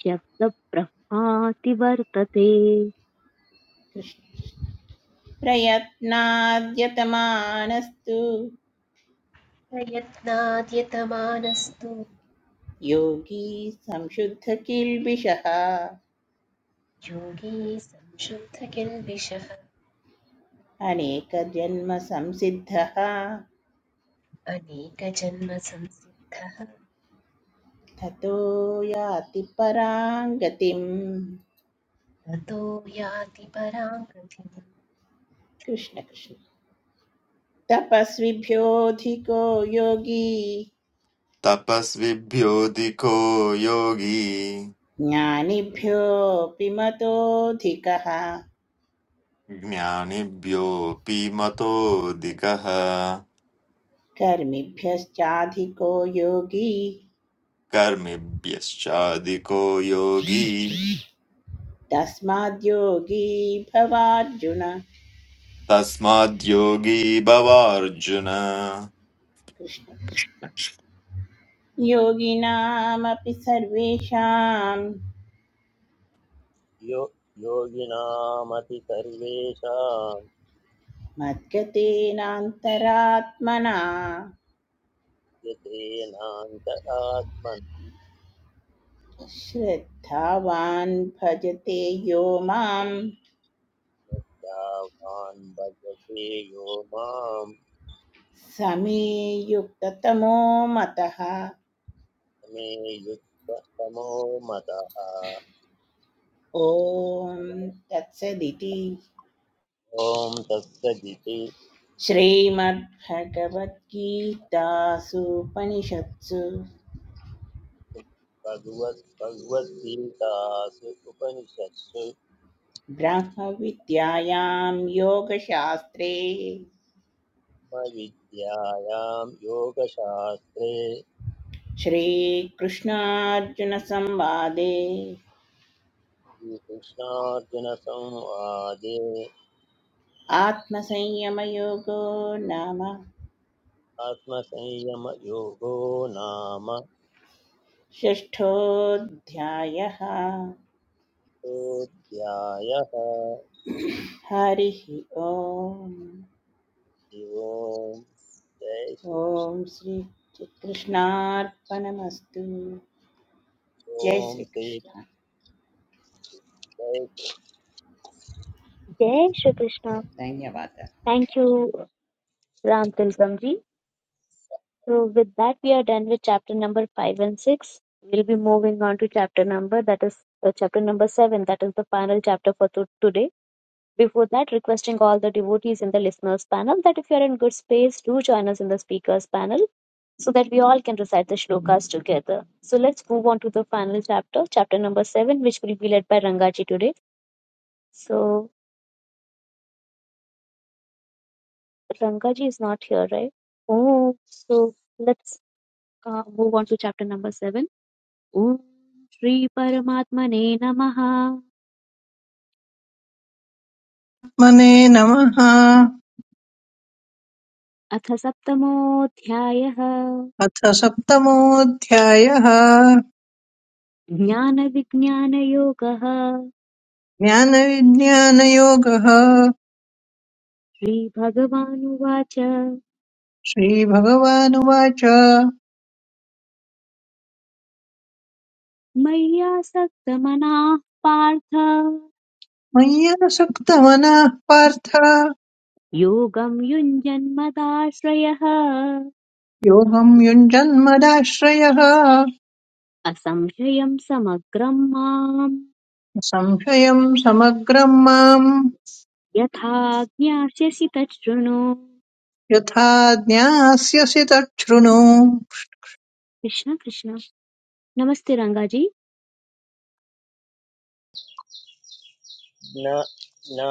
Speaker 1: शब्दब्रह्माति वर्तते
Speaker 7: प्रयत्नाद्यतमानस्तु
Speaker 4: प्रयत्नाद्यतमानस्तु
Speaker 7: योगी संशुद्धकिल्बिषः
Speaker 4: योगी संशुद्धकिल्बिषः
Speaker 7: अनेकजन्मसंसिद्धः
Speaker 4: अनेकजन्मसंसिद्धः
Speaker 7: ततो याति परां गतिम्
Speaker 4: ततो याति परां गतिम्
Speaker 7: कृष्ण कृष्ण तपस्विभ्योऽधिको योगी
Speaker 3: तपस्विभ्योऽधिको योगी
Speaker 7: ज्ञानिभ्योऽपि मतोऽधिकः
Speaker 3: ज्ञानिभ्योऽपि मतोऽधिकः
Speaker 7: कर्मिभ्यश्चाधिको योगी
Speaker 3: कर्मिभ्यश्चाधिको योगी
Speaker 7: तस्माद्योगी भवार्जुन
Speaker 3: तस्माद्योगी भवार्जुन
Speaker 7: कृष्ण कृष्ण। योगिनामपि सर्वेषां
Speaker 5: यो योगिनामति सर्वेषां
Speaker 7: मद्गतेनान्तरात्मना
Speaker 5: यतेनान्त आत्मन
Speaker 7: श्रद्धावान् भजते यो मां
Speaker 5: यावान् भजते यो माम्
Speaker 7: समे युक्ततमो मतः
Speaker 5: मे युक्ततमो मतः
Speaker 7: ॐ तत्सदिति
Speaker 5: ॐ तत्सदिति
Speaker 7: श्रीमद्भगवद्गीतासूपनिषत्सु
Speaker 5: भगवत् भगवद्गीतासु उपनिषत्सु
Speaker 7: ब्रह्मविद्यायां योगशास्त्रे
Speaker 5: ब्रह्मविद्यायां योगशास्त्रे
Speaker 7: श्रीकृष्णार्जुनसंवादे
Speaker 5: श्रीकृष्णार्जुनसंवादे
Speaker 7: आत्मसंयमयोगो नाम
Speaker 5: आत्मसंयमयोगो नाम
Speaker 7: षष्ठोऽध्यायः
Speaker 5: अध्यायः
Speaker 7: हरिः ओम्
Speaker 5: ओम् जय श्रीकृष्ण
Speaker 7: ॐ श्रीकृष्णार्पणमस्तु जय
Speaker 5: ॐ श्री
Speaker 7: श्रीकृष्ण
Speaker 5: जय
Speaker 1: जय श्री कृष्ण
Speaker 7: धन्यवादः
Speaker 1: thank you Ram Tilakam ji So with that, we are done with chapter number five and six. We'll be moving on to chapter number that is uh, chapter number seven. That is the final chapter for to- today. Before that, requesting all the devotees in the listeners panel that if you are in good space, do join us in the speakers panel so that we all can recite the shlokas together. So let's move on to the final chapter, chapter number seven, which will be led by Rangaji today. So Rangaji is not here, right? Oh, so let's uh, move on to chapter number seven. Om Shri परमात्मने नमः
Speaker 6: मने नमः
Speaker 1: अथ सप्तमोऽध्यायः
Speaker 6: अथ सप्तमोऽध्यायः
Speaker 1: ज्ञानविज्ञानयोगः
Speaker 6: ज्ञानविज्ञानयोगः
Speaker 1: श्रीभगवानुवाच
Speaker 6: श्रीभगवानुवाच
Speaker 1: मय्यासक्तमनाः पार्थ
Speaker 6: मय्यसक्तमनः पार्थ
Speaker 1: योगं युञ्जन्मदाश्रयः
Speaker 6: योगं युञ्जन्मदाश्रयः
Speaker 1: असंशयं समग्रं माम्
Speaker 6: संशयं समग्रं माम्
Speaker 1: यथा ज्ञास्यसि तत् शृणु
Speaker 6: यथा ज्ञास्यसि तच्छृणु
Speaker 1: कृष्ण कृष्ण नमस्ते रङ्गाजी
Speaker 5: ज्ञा ज्ञा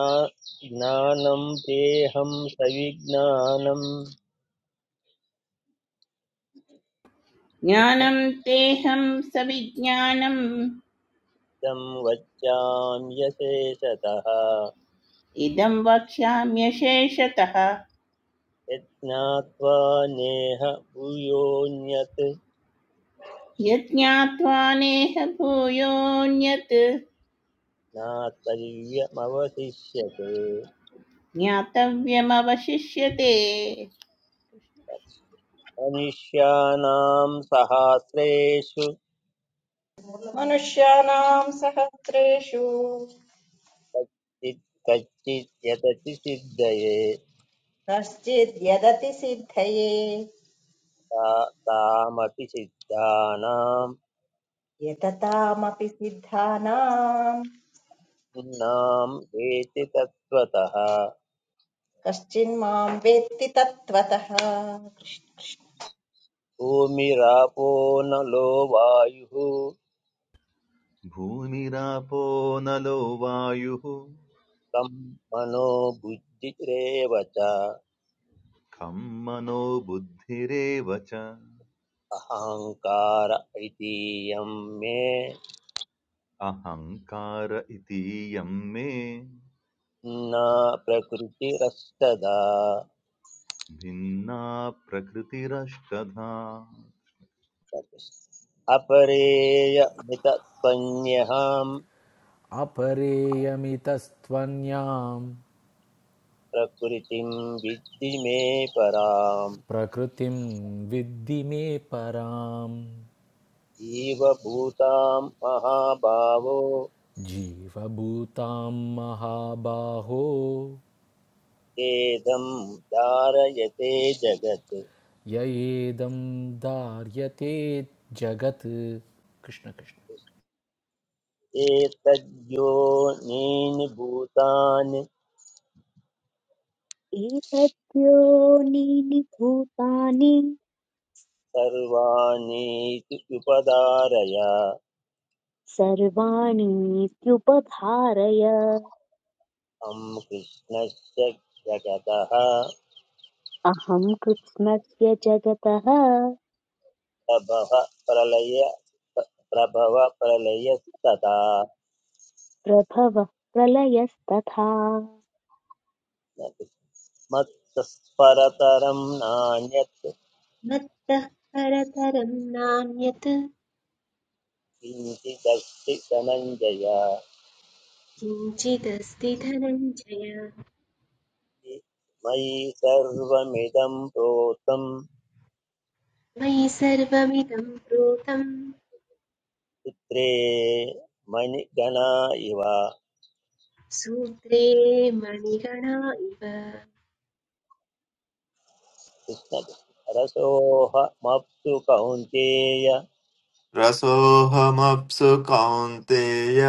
Speaker 5: ज्ञानं तेहं सविज्ञानं
Speaker 7: ज्ञानं तेहं सविज्ञानम्
Speaker 5: तं वच्याम्यशेषतः
Speaker 7: इदं वक्ष्याम्यशेषतः
Speaker 5: यज्ञात्वा नेह भूयोऽन्यत्
Speaker 7: यज्ञात्वा नेह भूयोऽन्यत्
Speaker 5: ज्ञातव्यमवशिष्यते
Speaker 7: ज्ञातव्यमवशिष्यते
Speaker 5: मनुष्याणां सहस्रेषु
Speaker 8: मनुष्याणाम् सहस्रेषु
Speaker 5: कच्चित् कच्चित् यतति सिद्धये
Speaker 8: कश्चिद्यदतिसिद्धये
Speaker 5: ता तामपि सिद्धानां
Speaker 8: यततामपि सिद्धानाम्
Speaker 5: नाम वेति तत्त्वतः
Speaker 8: कश्चिन्मां वेत्ति तत्त्वतः
Speaker 5: भूमिरापो नलो वायुः
Speaker 9: भूमिरापो नलो वायुः
Speaker 5: तं मनो बुद्धिरेव च
Speaker 9: खं मनो बुद्धिरेव
Speaker 5: अहङ्कार इति यं मे
Speaker 9: अहंकार इतीयं मे
Speaker 5: न प्रकृतिरस्तदा
Speaker 9: भिन्ना प्रकृतिरष्टधा
Speaker 5: अपरेयमितत्वन्यहां
Speaker 10: अपरेयमितस्त्वन्यां
Speaker 5: प्रकृतिं विद्धि मे पराम्
Speaker 10: प्रकृतिं विद्धि मे परां
Speaker 5: जीव भूतां महाभावो
Speaker 10: जीवभूतां महाबाहो
Speaker 5: वेदं धारयते जगत्
Speaker 10: य एदं धार्यते जगत् कृष्ण कृष्ण
Speaker 5: एतद्योनीनि भूतानि
Speaker 1: एतद्योनीनि भूतानि
Speaker 5: सर्वाणीति उपधारय
Speaker 1: सर्वाणीत्युपधारय
Speaker 5: तं कृष्णस्य जगतः
Speaker 1: अहं कृत्स्नस्य जगतः
Speaker 5: प्रभव प्रलय प्रभव प्रलयस्तदा
Speaker 1: प्रभवः प्रलयस्तथा
Speaker 5: मत्तस्परतरं नान्यत्
Speaker 4: मत्तः परतरं नान्यत्
Speaker 5: किञ्चिदस्ति धनञ्जय
Speaker 4: किञ्चिदस्ति धनञ्जय
Speaker 5: मयि सर्वमिदं प्रोतं
Speaker 4: मयि सर्वमिदं प्रोतं
Speaker 5: पुत्रे मणिगणा इव
Speaker 4: सूत्रे मणिगणा इव
Speaker 5: कृष्णः रसोऽहमप्सु कौन्तेय
Speaker 3: रसोऽहमप्सु कौन्तेय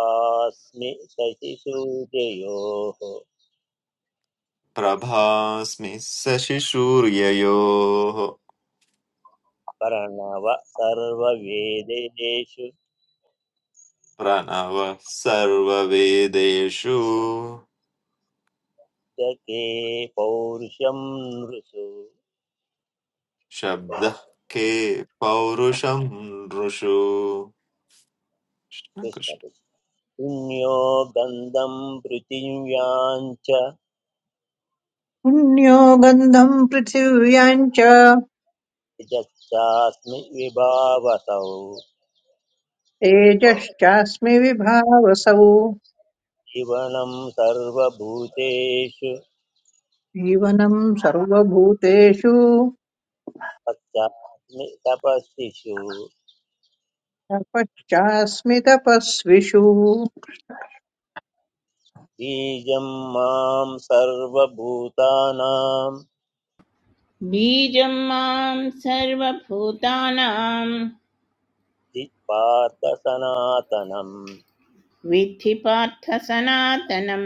Speaker 5: अस्मि शशिसूर्ययोः
Speaker 3: प्रभास्मि शशिसूर्ययोः
Speaker 5: प्रणव सर्ववेदेषु
Speaker 3: प्रणवः सर्ववेदेषु
Speaker 5: जके पौरुषं नृषु
Speaker 3: शब्दः के पौरुषं नृषु कृष्ण
Speaker 5: कृष्णः
Speaker 3: कृष्ण।
Speaker 5: पुण्यो गन्धं पृथिव्यां च
Speaker 6: पुण्यो गन्धम् पृथिव्याम् च
Speaker 5: यच्चास्मि विभावसौ
Speaker 6: तेजश्चास्मि विभावसौ
Speaker 5: जीवनं सर्वभूतेषु
Speaker 6: जीवनम् सर्वभूतेषु
Speaker 5: पश्चास्मि तपस्विषु
Speaker 6: तपश्चास्मि तपस्विषु
Speaker 5: बीजं मां सर्वभूतानां
Speaker 7: बीजं मां सर्वभूतानां
Speaker 5: पार्थ सनातनम्
Speaker 7: विद्धि पार्थ सनातनं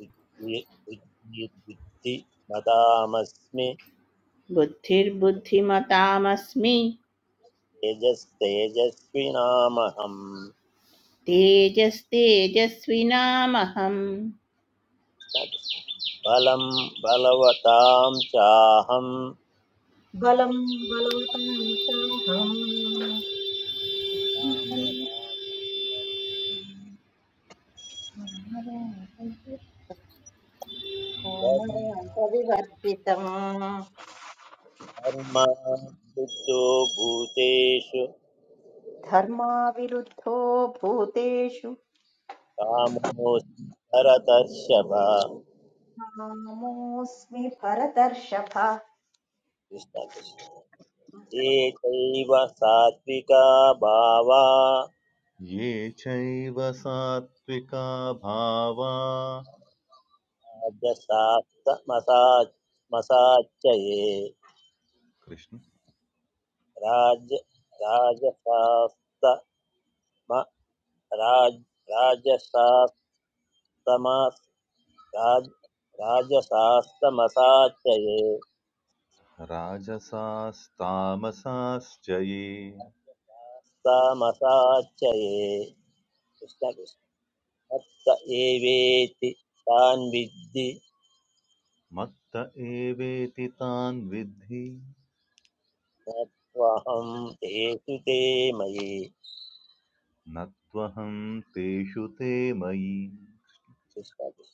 Speaker 5: बुद्धिमतामस्मि
Speaker 7: बुद्धिर्बुद्धिमतामस्मि
Speaker 5: तेजस्तेजस्विनामहम्
Speaker 7: तेजस्तेजस्विनामहम्
Speaker 5: बलं बलवतां चाहं
Speaker 8: बलं बलवतां साहम्
Speaker 5: धर्म
Speaker 8: सोमराजविवर्जितम्
Speaker 5: धर्म सिद्धो भूतेषु
Speaker 8: धर्माविरुद्धो भूतेषु
Speaker 5: कामोऽस्मि भरतर्षभ
Speaker 8: कामोऽस्मि भरतर्षभ
Speaker 5: कृष्ण कृष्ण। ये चैव सात्विका भावा
Speaker 9: ये चैव सात्विका भावा
Speaker 5: राजसास्तमसाच्चये
Speaker 9: कृष्ण
Speaker 5: राज राजसास्तम राज राजसास्तमस् राज राजसास्तमसाच्चये
Speaker 9: राजसास्तामसाश्च ये
Speaker 5: सामसाच्चये कृष्ण कृष्ण तत् एवेति तान् विद्धि
Speaker 9: मत्त एवेति तान् विद्धि
Speaker 5: न तेषु ते मयि
Speaker 9: न त्वहं तेषु ते मयि
Speaker 5: कृष्ण कृष्ण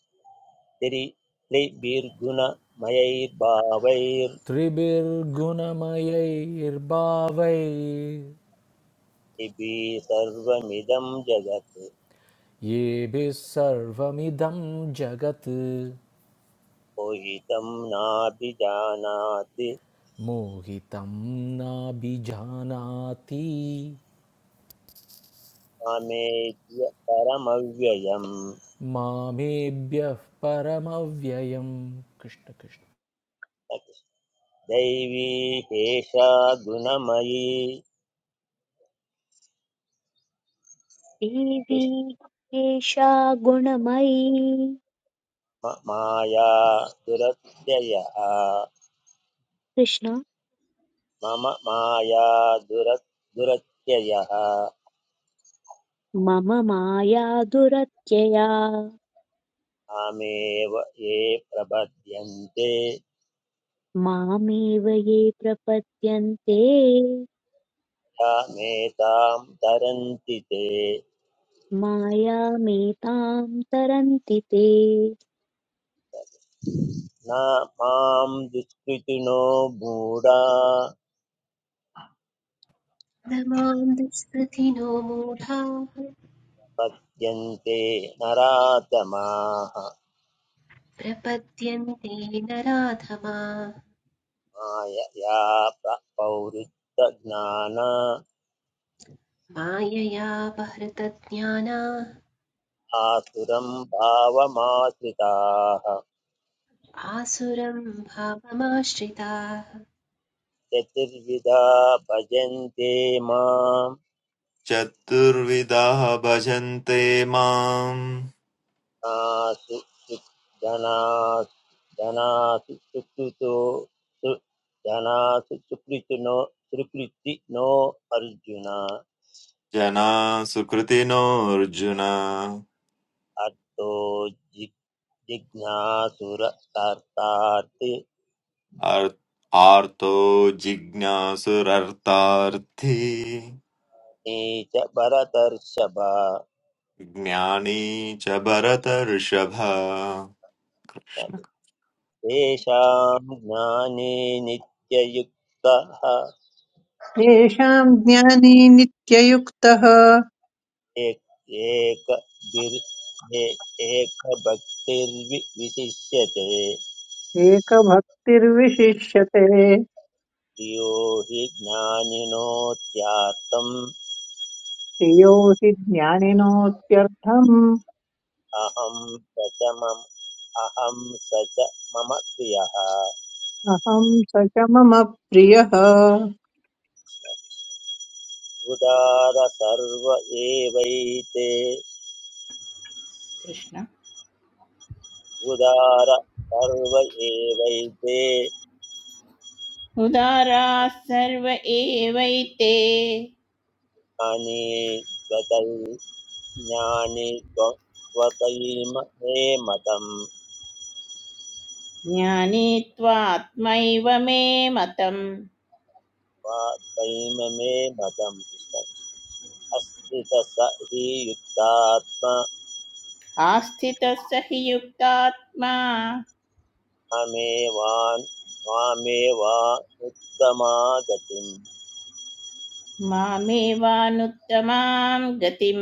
Speaker 5: तिर्भिर्गुणमयैर्भावैर्दिभिः
Speaker 10: त्रिभिर्गुणमयैर्भावैर्
Speaker 5: सर्वमिदं जगत्
Speaker 10: येभिः सर्वमिदं जगत्
Speaker 5: मोहितं नाभिजानाति
Speaker 10: मोहितं नाभिजानाति
Speaker 5: कामेभ्य परमव्ययम्
Speaker 10: मामेभ्यः परमव्ययं कृष्ण कृष्ण
Speaker 5: दैवी एषा गुणमयी
Speaker 1: देवी
Speaker 5: कृष्ण
Speaker 1: एषा गुणमयी
Speaker 5: माया दुरत्ययः
Speaker 1: कृष्ण
Speaker 5: मम माया दुर दुरत्ययः
Speaker 1: मम माया दुरत्यया
Speaker 5: मामेव ये प्रपद्यन्ते
Speaker 1: मामेव ये प्रपद्यन्ते
Speaker 5: मेतां तरन्ति ते
Speaker 1: मायामेतां तरन्ति ते
Speaker 5: न मां दुष्कृतिनो मूढा
Speaker 4: न मां दुष्कृतिनो मूढाः
Speaker 5: पद्यन्ते नरातमाः
Speaker 4: प्रपद्यन्ते नराधमा
Speaker 5: मायया प्र- पौरुत्तज्ञान
Speaker 4: मायया बहृतज्ञानाः
Speaker 5: आसुरं भावमाश्रिताः
Speaker 4: आसुरं भावमाश्रिताः
Speaker 5: चतुर्विधा भजन्ते माम्
Speaker 3: चतुर्विधाः भजन्ते माम्
Speaker 5: धनासु धनासु धनासु सुकृतो सु- धनासु सुकृतिनो सुकृतिनो अर्जुन
Speaker 3: जना सुकृतिनोऽर्जुन
Speaker 5: अर्थो जि- जिज्ञासुरकर्तार्थे
Speaker 3: अर्- आर्तो जिज्ञासुरर्तार्थी
Speaker 5: च भरतर्षभ
Speaker 3: ज्ञानी च भरतऋषभ
Speaker 5: तेषां ज्ञाने नित्ययुक्तः
Speaker 6: येषाम् ज्ञानी नित्ययुक्तः
Speaker 5: एक एक एक भक्तिर्विशिष्यते
Speaker 6: एकभक्तिर्विशिष्यते
Speaker 5: यो हि ज्ञानिनोत्यात्तम्
Speaker 6: प्रियो हि ज्ञानिनोत्यर्थम्
Speaker 5: अहं स अहं स मम प्रियः
Speaker 6: अहम् स च मम प्रियः
Speaker 5: उदार सर्व एवैते
Speaker 7: कृष्ण
Speaker 5: उदार सर्व एवैते
Speaker 7: उदाराः सर्व एवैते
Speaker 5: अनि त्वतै ज्ञानि त्व- त्वतैम मे मतम्
Speaker 7: ज्ञाने त्वात्मैव मे मतम्
Speaker 5: त्वतैम मे मतम् अस्ति स हि युक्तात्मा
Speaker 7: आस्थितः स हि युक्तात्मा
Speaker 5: मामेवान् मामेवानुत्तमागतिम्
Speaker 7: मामेवानुत्तमां गतिं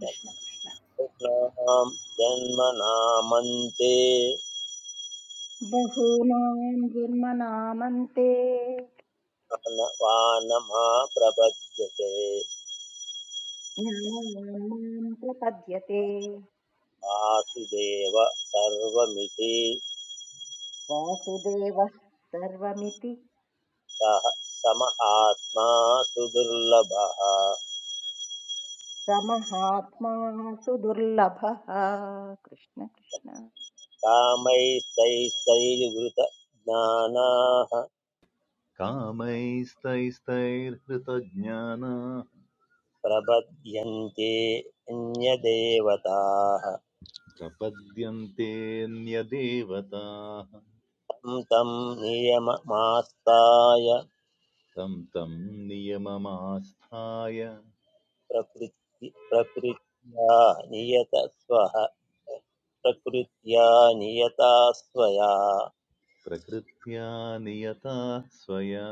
Speaker 7: कृष्ण कृष्ण
Speaker 5: कृष्णां जन्मनामन्ते
Speaker 8: बहूनाम् गुन्मनामन्ते
Speaker 5: वानमा प्रपद्यते
Speaker 8: ज्ञानान् माम् प्रपद्यते
Speaker 5: वासुदेव सर्वमिति
Speaker 8: वासुदेवः सर्वमिति
Speaker 5: सः समहात्मा सुदुर्लभः
Speaker 8: प्रमहात्मा सुदुर्लभः कृष्ण कृष्ण
Speaker 5: कामैस्तैस्तैर्वृत
Speaker 9: कामैस्तैस्तैर्हृतज्ञाना
Speaker 5: प्रपद्यन्ते अन्यदेवताः
Speaker 9: प्रपद्यन्तेऽन्यदेवताः
Speaker 5: तं नियममास्ताय
Speaker 9: तं तं नियममास्थाय
Speaker 5: प्रकृति प्रकृत्या नियत स्वः प्रकृत्या नियता स्वया
Speaker 9: प्रकृत्या नियता स्वया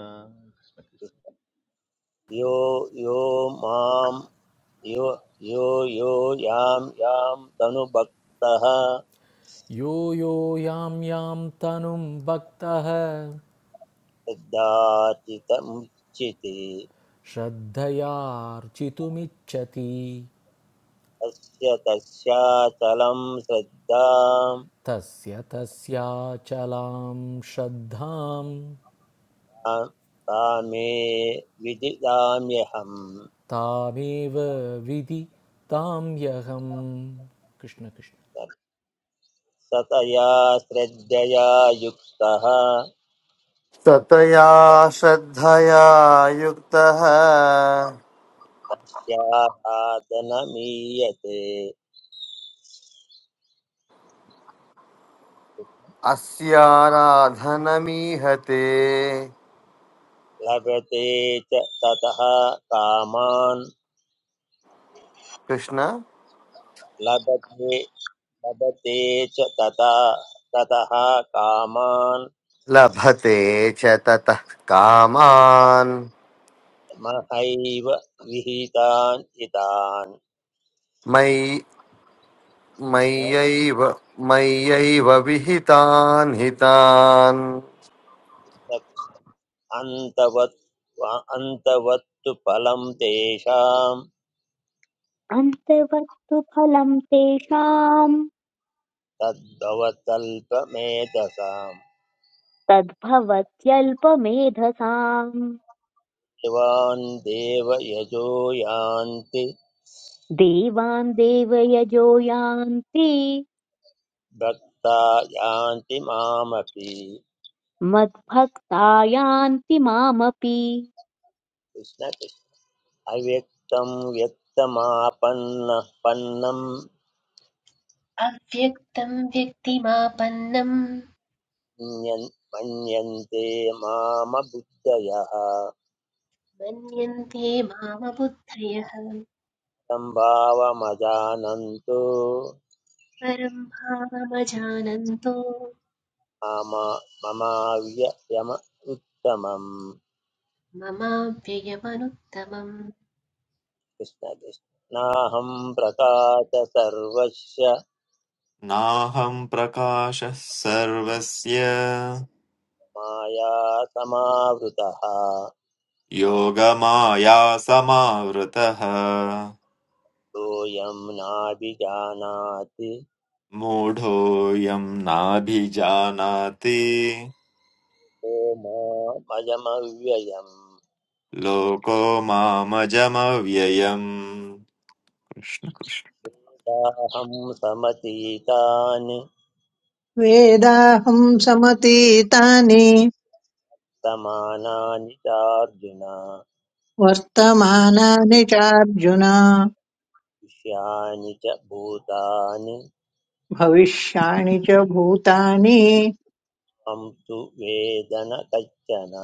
Speaker 5: यो यो माम यो यो यो यां यां तनुभक्तः
Speaker 10: यो यो यां यां तनुं भक्तः
Speaker 5: श्रद्धाचितमुच्यते
Speaker 10: श्रद्धयार्चितुमिच्छति
Speaker 5: तस्य तस्याचलं श्रद्धां
Speaker 10: तस्य तस्याचलां श्रद्धां
Speaker 5: तां तामे विदिताम्यहम्
Speaker 10: तामेव विधि तां ह्यहं कृष्णकृष्ण
Speaker 5: सतया श्रद्धया युक्तः
Speaker 11: ततया श्रद्धया युक्तः
Speaker 5: अस्यासाधनमीयते
Speaker 11: अस्याराधनमीहते
Speaker 5: लभते च ततः कामान्
Speaker 11: कृष्ण
Speaker 5: लभते लभते च तथा ततः कामान्
Speaker 11: लभते च ततः कामान्
Speaker 5: महैव विहितान् इतान्
Speaker 11: मयि मय्यैव मय्यैव विहितान् हितान्
Speaker 5: अन्तवत् अन्तवत्तु फलं तेषां
Speaker 1: अन्तवत्तु फलं तेषाम्
Speaker 5: तद्भवतल्पमेधसाम्
Speaker 1: तद्भवत्यल्पमेधसाम्
Speaker 5: शिवान् देवयजो यान्ति
Speaker 1: देवान् देवयजो यान्ति
Speaker 5: भक्ता यान्ति मामपि
Speaker 1: मद्भक्ता यान्ति मामपि
Speaker 5: कृष्ण कृष्ण। अव्यक्तं व्यक्तमापन्नः पन्नं
Speaker 4: अव्यक्तं व्यक्तिमापन्नं
Speaker 5: मन्यन्- मन्यन्ते मामबुद्धयः
Speaker 4: मन्यन्ते मामबुद्धयः
Speaker 5: सम्भावमजानन्तो
Speaker 4: परं भावमजानन्तो
Speaker 5: मम ममाव्ययम उत्तमम्
Speaker 4: ममाप्ययमनुत्तमम्
Speaker 5: कृष्ण कृष्ण। नाहं प्रकाश सर्वस्य
Speaker 3: नाहं प्रकाशः सर्वस्य
Speaker 5: माया समावृतः
Speaker 3: योगमायासमावृतः
Speaker 5: सोऽयं नाभिजानाति
Speaker 3: मूढोऽयं नाभिजानाति
Speaker 5: मामयमव्ययम्
Speaker 3: लोको मामजमव्ययम् कृष्ण कृष्ण
Speaker 5: वेदाहं समतीतानि
Speaker 6: वेदाहम् समतीतानि
Speaker 5: समानानि चार्जुन
Speaker 6: वर्तमानानि चार्जुन
Speaker 5: विषयाणि च भूतानि
Speaker 6: भविष्याणि च भूतानि
Speaker 5: त्वं तु वेद न कश्चन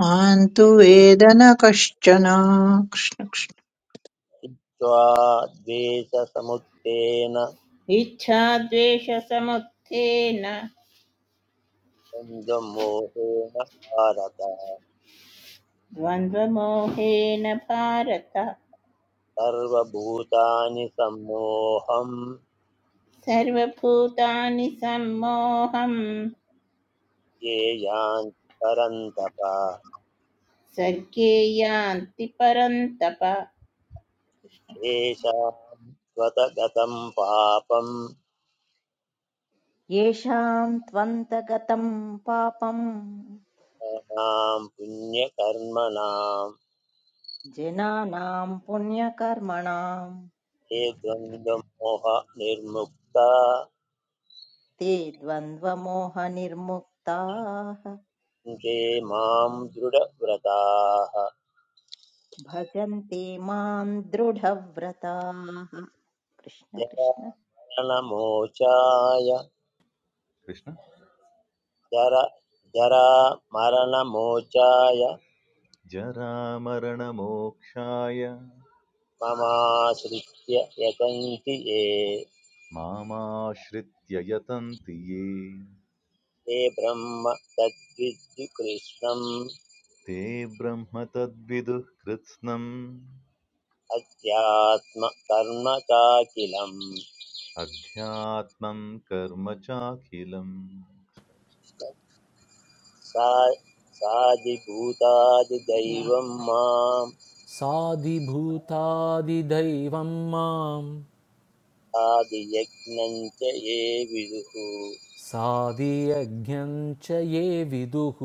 Speaker 6: मां तु वेद न कश्चन कृष्ण कृष्ण
Speaker 5: त्वा द्वेषसमुत्तेन
Speaker 7: इच्छाद्वेषसमुत्थेन
Speaker 5: द्वन्द्वमोहेन भारत
Speaker 7: द्वन्द्वमोहेन भारत
Speaker 5: सर्वभूतानि सम्मोहं
Speaker 7: सर्वभूतानि सम्मोहं
Speaker 5: ये यान्ति परन्तप
Speaker 7: सर्गे यान्ति परन्तप
Speaker 5: शेषात्वतगतं पापम्
Speaker 8: येषाम् त्वन्तगतम् पापम्
Speaker 5: नाम पुण्यकर्मणां
Speaker 8: जनानाम् पुण्यकर्मणाम्
Speaker 5: ये द्वन्द्वमोह निर्मुक्ता
Speaker 8: ते द्वन्द्वमोहनिर्मुक्ताः
Speaker 5: ते मां दृढव्रताः
Speaker 8: भजन्ते माम् दृढव्रताः कृष्ण कृष्ण
Speaker 5: जरणमोचाय
Speaker 9: कृष्ण
Speaker 5: जर जरामरणमोचाय
Speaker 9: जरामरणमोक्षाय
Speaker 5: ममाश्रित्य यतन्ति ये
Speaker 9: मामाश्रित्य यतन्ति ये
Speaker 5: ते ब्रह्म तद्विद्दु कृष्णम्
Speaker 9: ते ब्रह्म तद्विदुः कृत्स्नम्
Speaker 5: अध्यात्मकर्म चाखिलम्
Speaker 9: अध्यात्मं कर्म चाखिलम्
Speaker 5: सा सादिभूतादिदैवं माम्
Speaker 10: साधिभूतादिदैवं मां
Speaker 5: आदियज्ञम् च ये विदुः
Speaker 10: साधियज्ञं च ये विदुः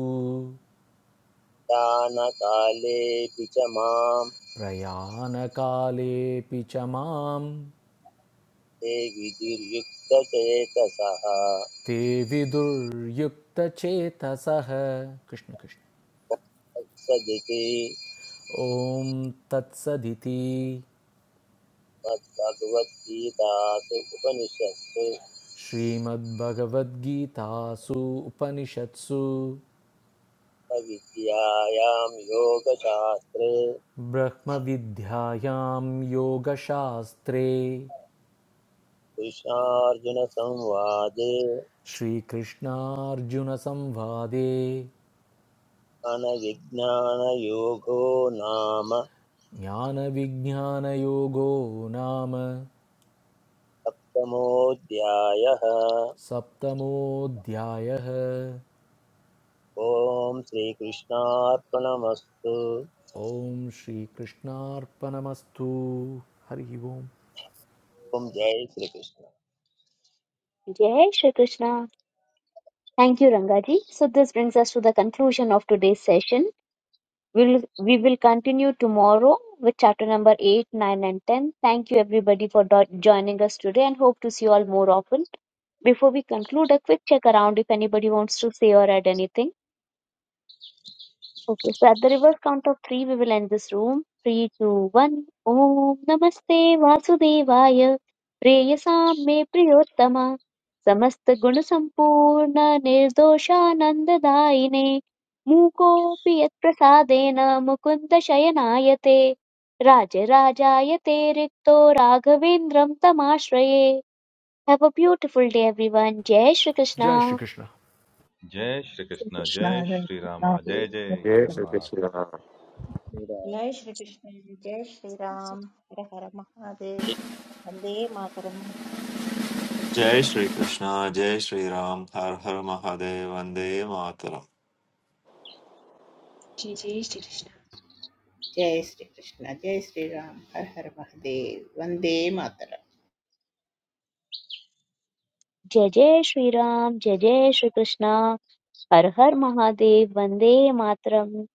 Speaker 5: दानकालेऽपि च माम्
Speaker 10: प्रयाणकालेऽपि च मां
Speaker 5: ते विदुर्युक्तचेतसः
Speaker 10: ते विदुर्युक्तचेतसः कृष्णकृष्ण
Speaker 5: सदिति
Speaker 10: ॐ तत्सदिति
Speaker 5: मद्भगवद्गीतासु उपनिषत्सु
Speaker 10: श्रीमद्भगवद्गीतासु उपनिषत्सु
Speaker 5: विद्यायां योगशास्त्रे
Speaker 10: ब्रह्मविद्यायां योगशास्त्रे
Speaker 5: कृष्णार्जुनसंवादे
Speaker 10: श्रीकृष्णार्जुनसंवादे
Speaker 5: अनविज्ञानयोगो नाम
Speaker 10: ज्ञानविज्ञानयोगो नाम
Speaker 5: सप्तमोऽध्यायः
Speaker 10: सप्तमोऽध्यायः
Speaker 5: ॐ श्रीकृष्णार्पणमस्तु
Speaker 10: ॐ श्रीकृष्णार्पणमस्तु हरिः ओं
Speaker 5: ओम जय Shri Krishna
Speaker 1: Jai Shri Krishna. Thank you, Rangaji. So this brings us to the conclusion of today's session. We'll, we will continue tomorrow with chapter number 8, 9 and 10. Thank you everybody for do- joining us today and hope to see you all more often. Before we conclude, a quick check around if anybody wants to say or add anything. Okay, so at the reverse count of three, we will end this room. Three, two, one. Om Namaste Vasudevaya Preyasam Me Priyottama समस्त गुण संपूर्ण निर्दोषानंददायिने मूकोऽपि यत्प्रसादेन मुकुन्द शयनायते राजराजायते रिक्तो राघवेन्द्रं तमाश्रये have a beautiful day everyone जय श्री कृष्णा
Speaker 10: जय श्रीकृष्ण
Speaker 9: जय श्रीकृष्ण जय
Speaker 6: कृष्णाय
Speaker 9: श्रीराम
Speaker 5: जय
Speaker 9: जय जय
Speaker 6: नमः।
Speaker 11: जय
Speaker 9: जगन्नाथ
Speaker 11: श्रीकृष्ण
Speaker 5: श्रीराम।
Speaker 8: जय श्रीकृष्ण जय श्रीराम हर हर महादेव वन्दे मातरम्
Speaker 3: जय श्रीकृष्ण जय श्रीराम हर हर महादेव वन्दे मातरम्
Speaker 4: श्रीकृष्ण
Speaker 7: जय श्रीकृष्ण जय श्रीराम हर हर महादेव वन्दे मातरम्
Speaker 1: जय जय श्री राम जय जय श्री कृष्णा हर हर महादेव वंदे मातरम